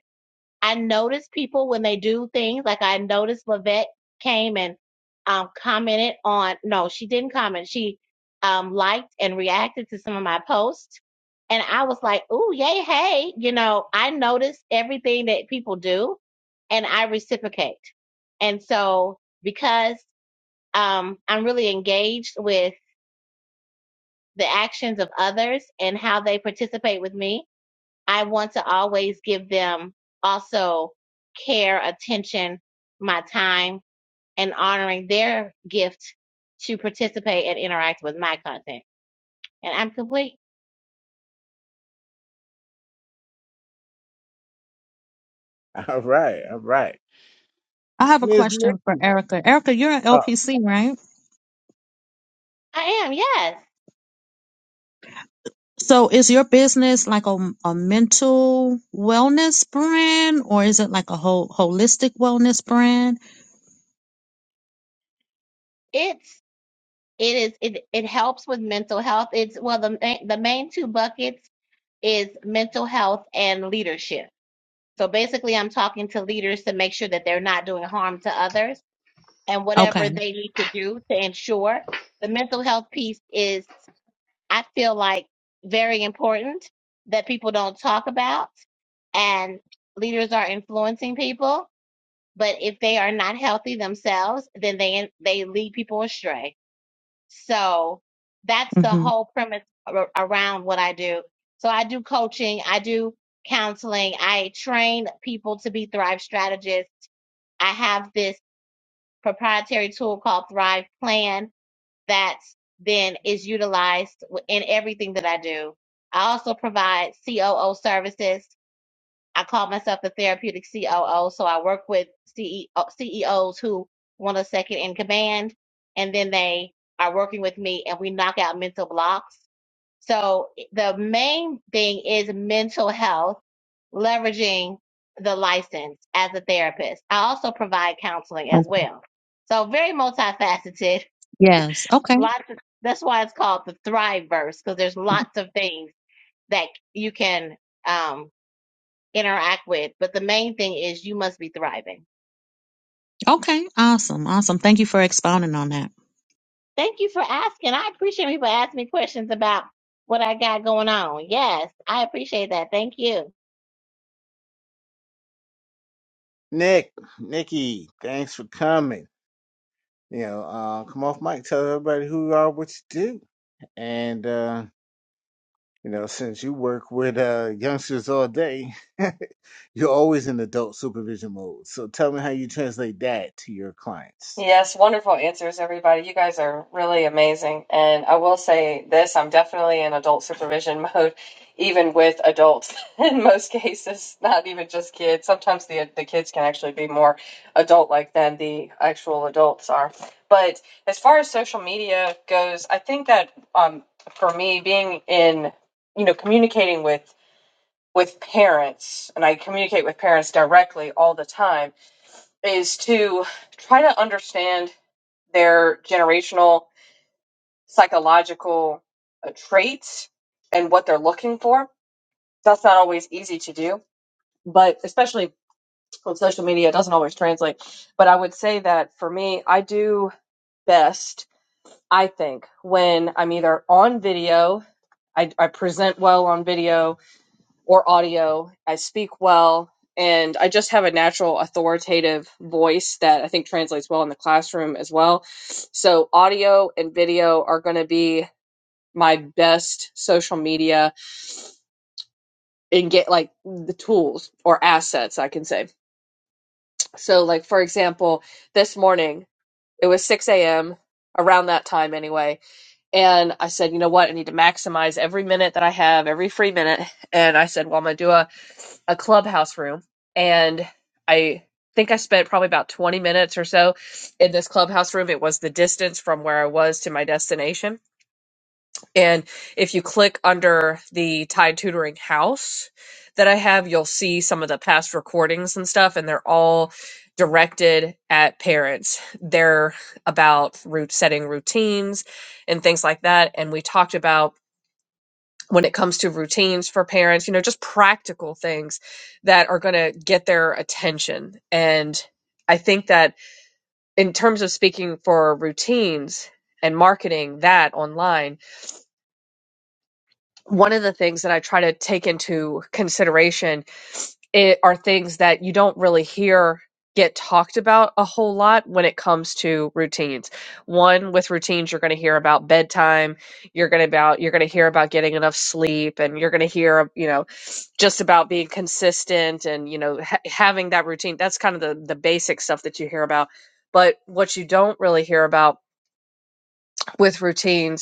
Speaker 4: I notice people when they do things. Like I noticed Lavette came and um, commented on. No, she didn't comment. She um, liked and reacted to some of my posts, and I was like, "Ooh, yay, hey!" You know, I notice everything that people do, and I reciprocate. And so, because um, I'm really engaged with the actions of others and how they participate with me, I want to always give them also care, attention, my time, and honoring their gift to participate and interact with my content. And I'm complete.
Speaker 1: All right, all right.
Speaker 2: I have a
Speaker 1: Miss
Speaker 2: question for
Speaker 1: Nikki.
Speaker 2: Erica. Erica, you're an
Speaker 1: Oh,
Speaker 2: LPC, right?
Speaker 4: I am, yes.
Speaker 2: So is your business like a, a mental wellness brand or is it like a whole holistic wellness brand?
Speaker 4: It's it is it it helps with mental health. It's well the ma- the main two buckets is mental health and leadership. So basically I'm talking to leaders to make sure that they're not doing harm to others and whatever
Speaker 2: Okay.
Speaker 4: they need to do to ensure the mental health piece is I feel like very important that people don't talk about and leaders are influencing people, but if they are not healthy themselves, then they they lead people astray. So that's the
Speaker 2: hmm
Speaker 4: whole premise ar- around what I do. So I do coaching, I do counseling, I train people to be Thrive strategists. I have this proprietary tool called Thrive Plan that then is utilized in everything that I do. I also provide COO services. I call myself the therapeutic COO, so I work with CEO, CEOs who want a second in command, and then they are working with me, and we knock out mental blocks. So the main thing is mental health, leveraging the license as a therapist. I also provide counseling as
Speaker 2: okay.
Speaker 4: well. So very multifaceted
Speaker 2: Yes. Okay.
Speaker 4: Lots of, that's why it's called the Thrive Verse, because there's lots of things that you can um, interact with. But the main thing is you must be thriving.
Speaker 2: Okay. Awesome. Awesome. Thank you for expounding on that.
Speaker 4: Thank you for asking. I appreciate people asking me questions about what I got going on. Yes, I appreciate that. Thank you.
Speaker 1: Nick, Nikki, thanks for coming. You know, uh, come off mic. Tell everybody who you are, what you do, and. Uh, You know, since you work with uh, youngsters all day, you're always in adult supervision mode. So tell me how you translate that to your clients.
Speaker 5: Yes, wonderful answers, everybody. You guys are really amazing. And I will say this, I'm definitely in adult supervision mode, even with adults in most cases, not even just kids. Sometimes the the kids can actually be more adult like than the actual adults are. But as far as social media goes, I think that um for me being in, you know, communicating with with parents, and I communicate with parents directly all the time, is to try to understand their generational psychological uh, traits and what they're looking for. That's not always easy to do, but especially on social media, it doesn't always translate. But I would say that for me, I do best, I think, when I'm either on video, I, I present well on video or audio, I speak well, and I just have a natural authoritative voice that I think translates well in the classroom as well. So, audio and video are going to be my best social media and get like the tools or assets, I can say. So, like, for example, this morning it was 6 a.m. around that time anyway. And I said, you know what? I need to maximize every minute that I have, every free minute. And I said, well, I'm going to do a, a clubhouse room. And I think I spent probably about 20 minutes or so in this clubhouse room. It was the distance from where I was to my destination And if you click under the Tide Tutoring House that I have, you'll see some of the past recordings and stuff, and they're all directed at parents. They're about root setting routines and things like that. And we talked about when it comes to routines for parents, you know, just practical things that are going to get their attention. And I think that in terms of speaking for routines and marketing that online, one of the things that I try to take into consideration it, are things that you don't really hear get talked about a whole lot when it comes to routines. One with routines you're going to hear about bedtime, you're going to about you're going to hear about getting enough sleep and you're going to hear, you know, just about being consistent and you know ha- having that routine. That's kind of the the basic stuff that you hear about. But what you don't really hear about with routines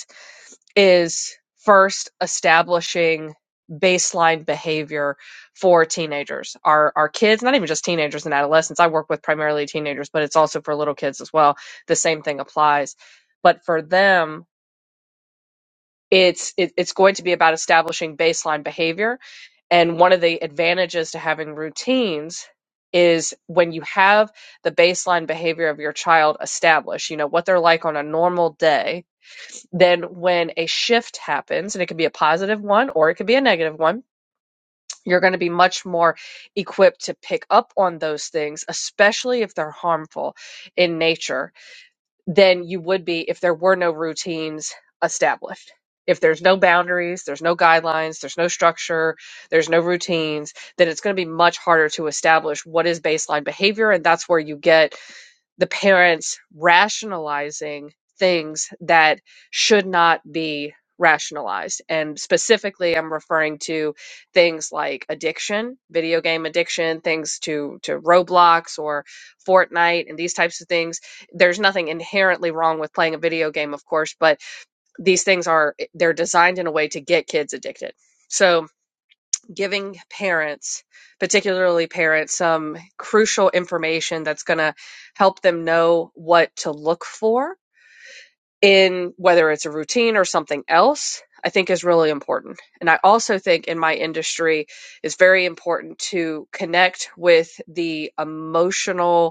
Speaker 5: is first establishing baseline behavior for teenagers our our kids not even just teenagers and adolescents i work with primarily teenagers but it's also for little kids as well the same thing applies but for them it's it, it's going to be about establishing baseline behavior and one of the advantages to having routines is when you have the baseline behavior of your child established you know what they're like on a normal day then when a shift happens, and it could be a positive one or it could be a negative one, you're going to be much more equipped to pick up on those things, especially if they're harmful in nature, than you would be if there were no routines established. If there's no boundaries, there's no guidelines, there's no structure, there's no routines, then it's going to be much harder to establish what is baseline behavior. And that's where you get the parents rationalizing things that should not be rationalized. And specifically, I'm referring to things like addiction, video game addiction, things to, to Roblox or Fortnite and these types of things. There's nothing inherently wrong with playing a video game, of course, but these things are, they're designed in a way to get kids addicted. So, giving parents, particularly parents, some crucial information that's going to help them know what to look for in whether it's a routine or something else, I think is really important. And I also think in my industry, it's very important to connect with the emotional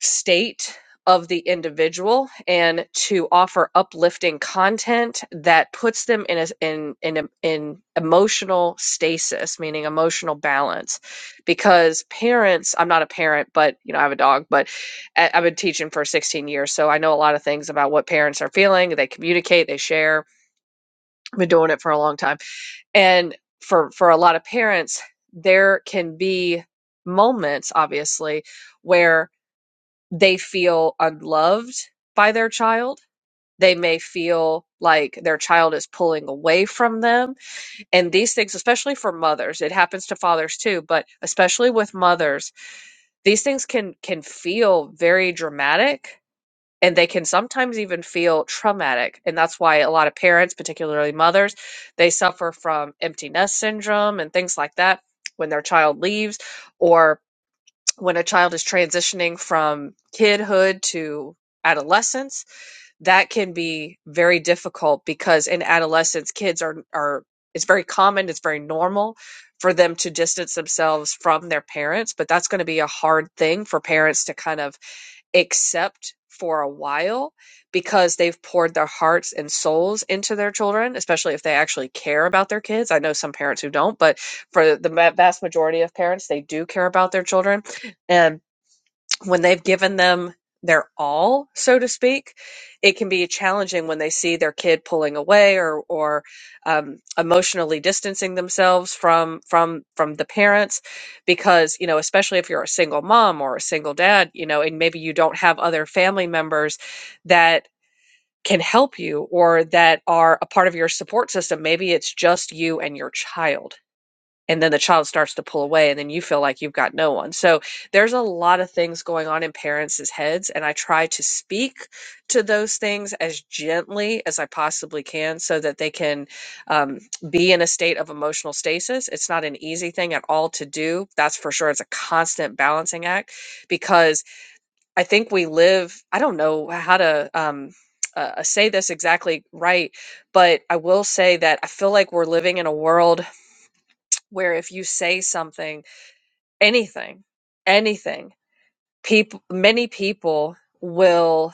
Speaker 5: state of the individual and to offer uplifting content that puts them in a in in in emotional stasis meaning emotional balance because parents I'm not a parent but you know I have a dog but I- I've been teaching for 16 years so I know a lot of things about what parents are feeling they communicate they share I've been doing it for a long time and for for a lot of parents there can be moments obviously where they feel unloved by their child. They may feel like their child is pulling away from them. And these things, especially for mothers, it happens to fathers too, but especially with mothers, these things can can feel very dramatic and they can sometimes even feel traumatic. And that's why a lot of parents, particularly mothers, they suffer from empty nest syndrome and things like that when their child leaves or when a child is transitioning from kidhood to adolescence, that can be very difficult because in adolescence, kids are, are it's very common, it's very normal for them to distance themselves from their parents, but that's going to be a hard thing for parents to kind of accept for a while because they've poured their hearts and souls into their children, especially if they actually care about their kids. I know some parents who don't, but for the ma- vast majority of parents, they do care about their children. And when they've given them their all, so to speak, it can be challenging when they see their kid pulling away or or um, emotionally distancing themselves from from from the parents, because you know, especially if you're a single mom or a single dad, you know, and maybe you don't have other family members that can help you or that are a part of your support system. Maybe it's just you and your child and then the child starts to pull away and then you feel like you've got no one so there's a lot of things going on in parents' heads and i try to speak to those things as gently as i possibly can so that they can um, be in a state of emotional stasis it's not an easy thing at all to do that's for sure it's a constant balancing act because i think we live i don't know how to um, uh, say this exactly right but i will say that i feel like we're living in a world where if you say something, anything, anything, people, many people will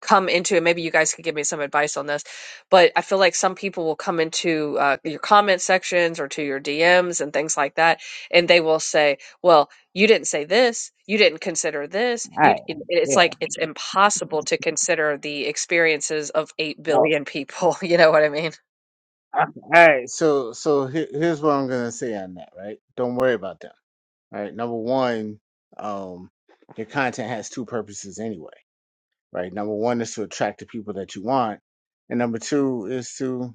Speaker 5: come into it. Maybe you guys could give me some advice on this, but I feel like some people will come into uh, your comment sections or to your DMs and things like that, and they will say, "Well, you didn't say this. You didn't consider this.
Speaker 1: All
Speaker 5: You."
Speaker 1: right.
Speaker 5: it- It's
Speaker 1: Yeah.
Speaker 5: like it's impossible to consider the experiences of eight
Speaker 1: Well,
Speaker 5: billion people. You know what I mean?
Speaker 1: all right. So, so here, here's what I'm gonna say on that. Right. Don't worry about them. All right. Number one, um, your content has two purposes anyway. Right. Number one is to attract the people that you want, and number two is to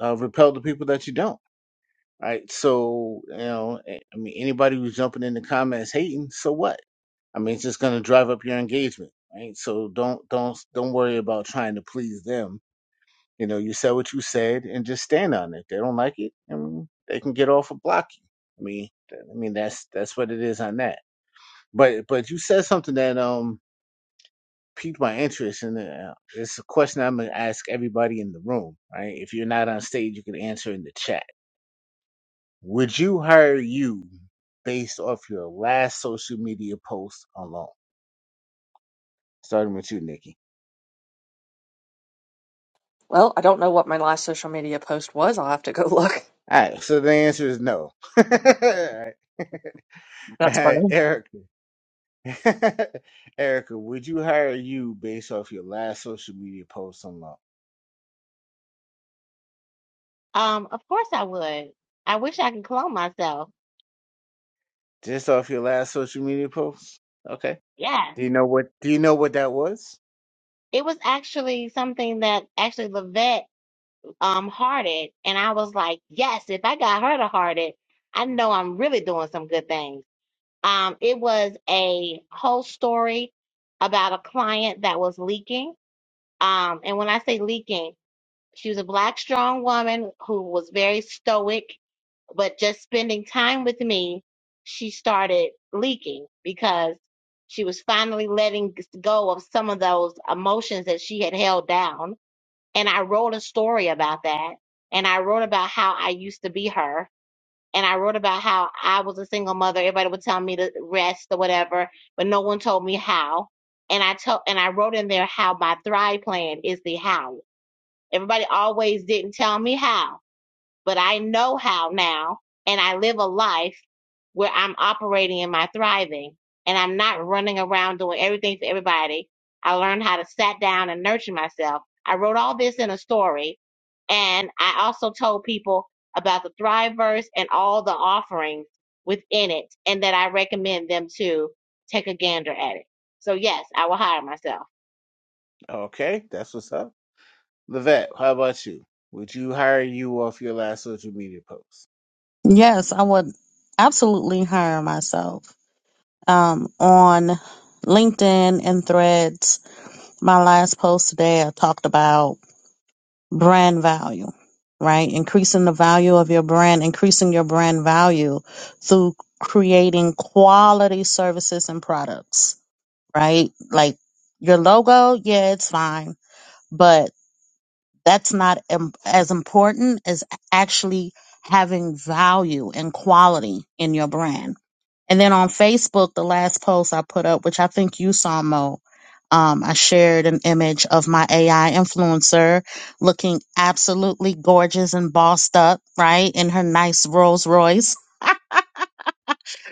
Speaker 1: uh, repel the people that you don't right? So, you know, I mean, anybody who's jumping in the comments hating, so what? I mean, it's just going to drive up your engagement, right? So don't don't don't worry about trying to please them. You know, you said what you said, and just stand on it. they don't like it, I mean, they can get off of blocking. I mean, th- I mean that's that's what it is on that. But but you said something that um piqued my interest, and uh, it's a question I'm going to ask everybody in the room, right? If you're not on stage, you can answer in the chat Would you hire you based off your last social media post alone? Starting with you, Nikki.
Speaker 5: Well, I don't know what my last social media post was. I'll have to go look.
Speaker 1: All right, so the answer is no. All right, all
Speaker 5: That's
Speaker 1: right,
Speaker 5: funny.
Speaker 1: Erica. Erica, would you hire you based off your last social media post alone?
Speaker 4: Um, of course I would. I wish I could clone myself.
Speaker 1: Just off your last social media post? Okay.
Speaker 4: Yes.
Speaker 1: Do you know what do you know what that was?
Speaker 4: It was actually something that actually Levette um hearted and I was like, yes, if I got her to heart it, I know I'm really doing some good things. Um, it was a whole story about a client that was leaking. Um, and when I say leaking, she was a black, strong woman who was very stoic, but just spending time with me, she started leaking because she was finally letting go of some of those emotions that she had held down. And I wrote a story about that. And I wrote about how I used to be her and I wrote about how I was a single mother. Everybody would tell me to rest or whatever, but no one told me how. And I told, and I wrote in there how my Thrive plan is the how. Everybody always didn't tell me how but I know how now, and I live a life where I'm operating in my thriving, and I'm not running around doing everything for everybody. I learned how to sat down and nurture myself. I wrote all this in a story, and I also told people about the Thriveverse and all the offerings within it, and that I recommend them to take a gander at it. So yes, I will hire myself.
Speaker 1: Okay, that's what's up. Levette, how about you? Would you hire you off your last social media post?
Speaker 2: Yes, I would absolutely hire myself. um, on LinkedIn and threads. My last post today, I talked about brand value, right? Increasing the value of your brand, increasing your brand value through creating quality services and products, right? Like your logo, yeah, it's fine, but that's not im- as important as actually having value and quality in your brand and then on Facebook, the last post I put up, which I think you saw, Mo, um, I shared an image of my AI influencer looking absolutely gorgeous and bossed up, right? In her nice Rolls Royce.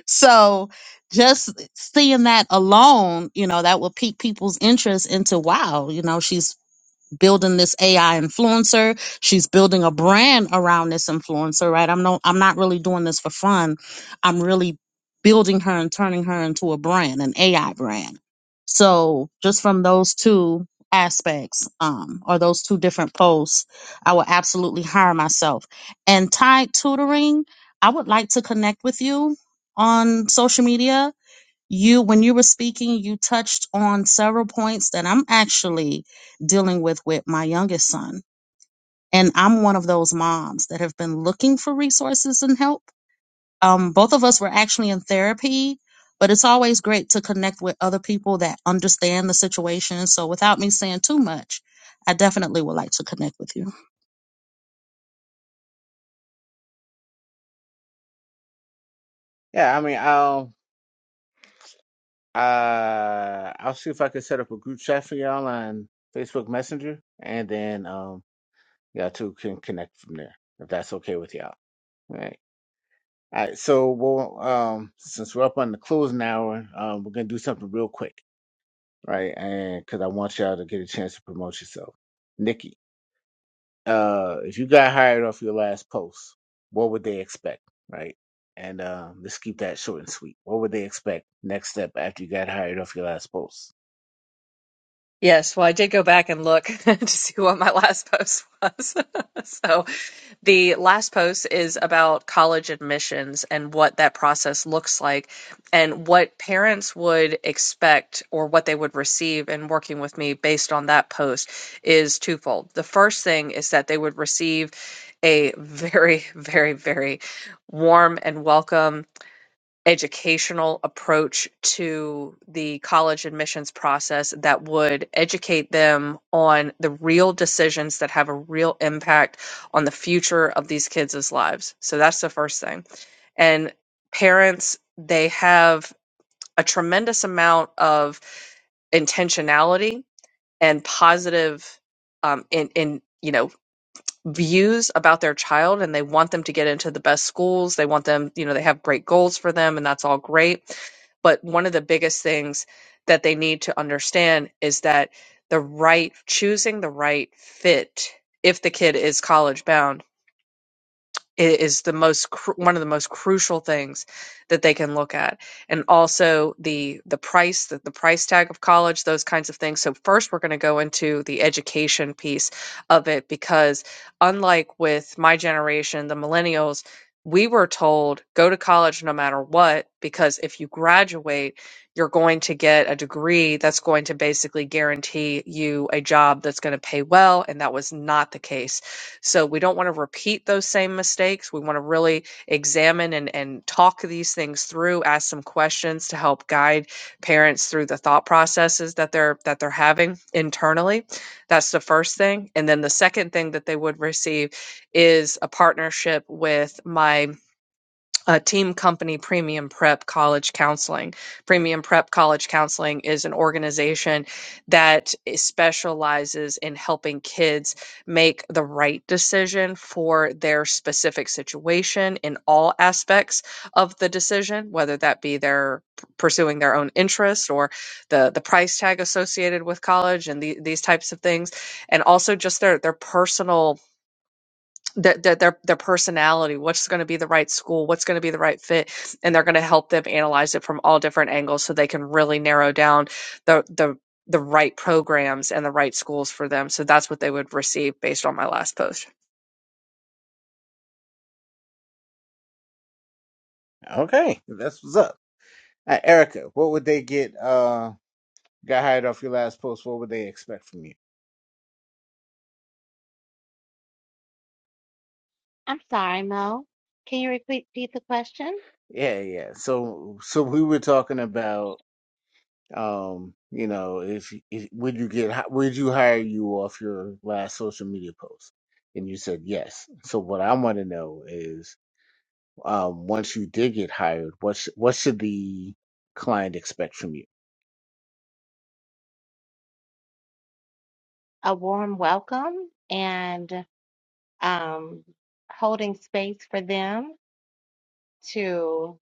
Speaker 2: So just seeing that alone, you know, that will pique people's interest into wow, you know, she's building this AI influencer. She's building a brand around this influencer, right? I'm no I'm not really doing this for fun. I'm really building her and turning her into a brand, an AI brand. So just from those two aspects, um, or those two different posts, I will absolutely hire myself. And Tide Tutoring, I would like to connect with you on social media you when you were speaking you touched on several points that i'm actually dealing with with my youngest son and i'm one of those moms that have been looking for resources and help um, both of us were actually in therapy but it's always great to connect with other people that understand the situation so without me saying too much i definitely would like to connect with you
Speaker 1: Yeah, I mean, I do Uh, I'll see if I can set up a group chat for y'all on Facebook Messenger, and then um, y'all two can connect from there if that's okay with y'all. All right. All right. So, well, um, since we're up on the closing hour, um, we're gonna do something real quick, right? And because I want y'all to get a chance to promote yourself, Nikki. Uh, if you got hired off your last post, what would they expect, right? And um, let's keep that short and sweet. What would they expect next step after you got hired off your last post?
Speaker 5: Yes, well, I did go back and look to see what my last post was. So the last post is about college admissions and what that process looks like and what parents would expect or what they would receive in working with me based on that post is twofold. The first thing is that they would receive a very, very, very warm and welcome educational approach to the college admissions process that would educate them on the real decisions that have a real impact on the future of these kids' lives. So that's the first thing. And parents, they have a tremendous amount of intentionality and positive um, in in you know views about their child and they want them to get into the best schools. They want them, you know, they have great goals for them and that's all great. But one of the biggest things that they need to understand is that the right choosing the right fit if the kid is college bound is the most cru- one of the most crucial things that they can look at and also the the price the, the price tag of college those kinds of things so first we're going to go into the education piece of it because unlike with my generation the millennials we were told go to college no matter what because if you graduate you're going to get a degree that's going to basically guarantee you a job that's going to pay well and that was not the case so we don't want to repeat those same mistakes. We want to really examine and, and talk these things through, ask some questions to help guide parents through the thought processes that they're that they're having internally. That's the first thing. And then the second thing that they would receive is a partnership with my uh, team company Premium Prep College Counseling. Premium Prep College Counseling is an organization that specializes in helping kids make the right decision for their specific situation in all aspects of the decision, whether that be their p- pursuing their own interest or the the price tag associated with college and the, these types of things, and also just their their personal that that their their personality, what's going to be the right school, what's going to be the right fit, and they're going to help them analyze it from all different angles so they can really narrow down the the the right programs and the right schools for them. So that's what they would receive based on my last post.
Speaker 1: Okay, that's what's up. Uh, Erica, what would they get? Uh, got hired off your last post. What would they expect from you?
Speaker 4: I'm sorry, Mo. Can you repeat repeat the question?
Speaker 1: Yeah, yeah. So, so we were talking about, um, you know, if, if would you get, hi- would you hire you off your last social media post? And you said yes. So what I want to know is, um, once you did get hired, what sh- what should the client expect from you?
Speaker 4: A warm welcome and um, holding space for them to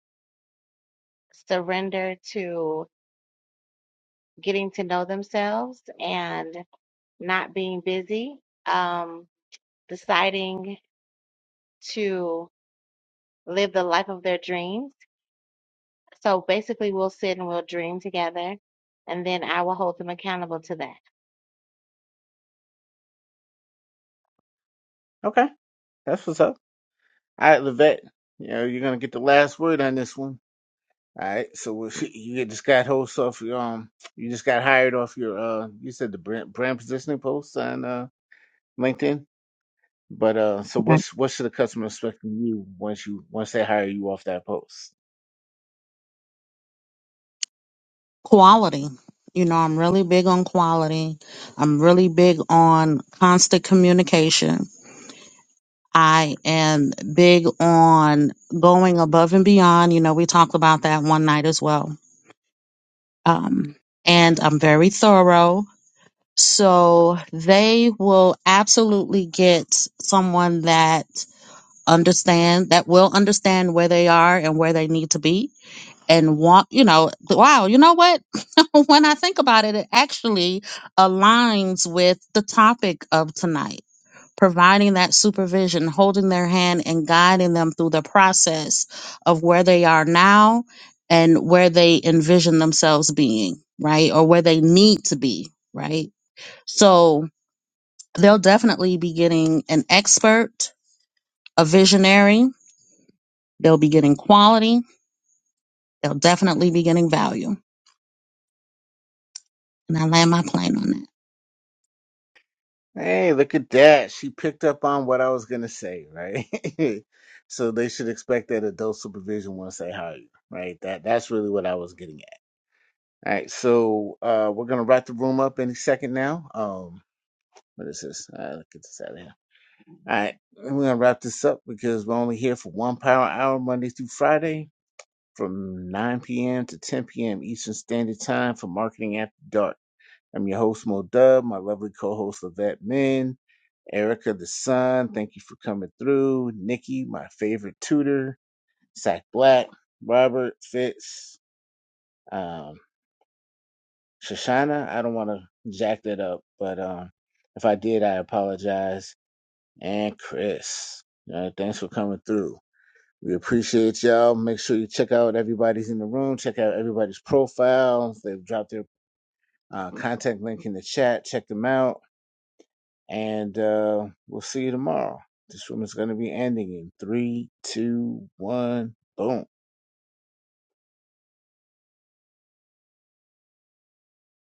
Speaker 4: surrender to getting to know themselves and not being busy, um, deciding to live the life of their dreams. So basically, we'll sit and we'll dream together, and then I will hold them accountable to that.
Speaker 1: Okay, that's what's up. All right, Levette, you know, you're gonna get the last word on this one. All right, so what- you get- just got host off your um, you just got hired off your uh, you said the brand brand positioning post on uh LinkedIn, but uh, so what's what should the customer expect from you once you once they hire you off that post?
Speaker 2: quality. You know, I'm really big on quality. I'm really big on constant communication. I am big on going above and beyond. You know, we talked about that one night as well. Um, and I'm very thorough. So they will absolutely get someone that understand that will understand where they are and where they need to be and want, you know, wow, you know what? when I think about it, it actually aligns with the topic of tonight providing that supervision, holding their hand, and guiding them through the process of where they are now and where they envision themselves being, right? Or where they need to be, right? So they'll definitely be getting an expert, a visionary, they'll be getting quality, they'll definitely be getting value. And I land my plane on that.
Speaker 1: Hey, look at that! She picked up on what I was gonna say, right? so they should expect that adult supervision once they hire you, right? That that's really what I was getting at. All right, so uh, we're gonna wrap the room up any second now. Um, what is this? Uh, look at this. All right, and we're gonna wrap this up because we're only here for one power hour Monday through Friday from 9 p.m. to 10 p.m. Eastern Standard Time for Marketing After Dark. I'm your host Mo Dub, my lovely co-host Levette Min, Erica the Sun. Thank you for coming through. Nikki, my favorite tutor, Zach Black, Robert Fitz, um, Shoshana. I don't want to jack that up, but um, if I did, I apologize. And Chris, uh, thanks for coming through. We appreciate y'all. Make sure you check out everybody's in the room. Check out everybody's profiles. They've dropped their uh, contact link in the chat. Check them out. And uh, we'll see you tomorrow. This room is going to be ending in three, two, one, boom.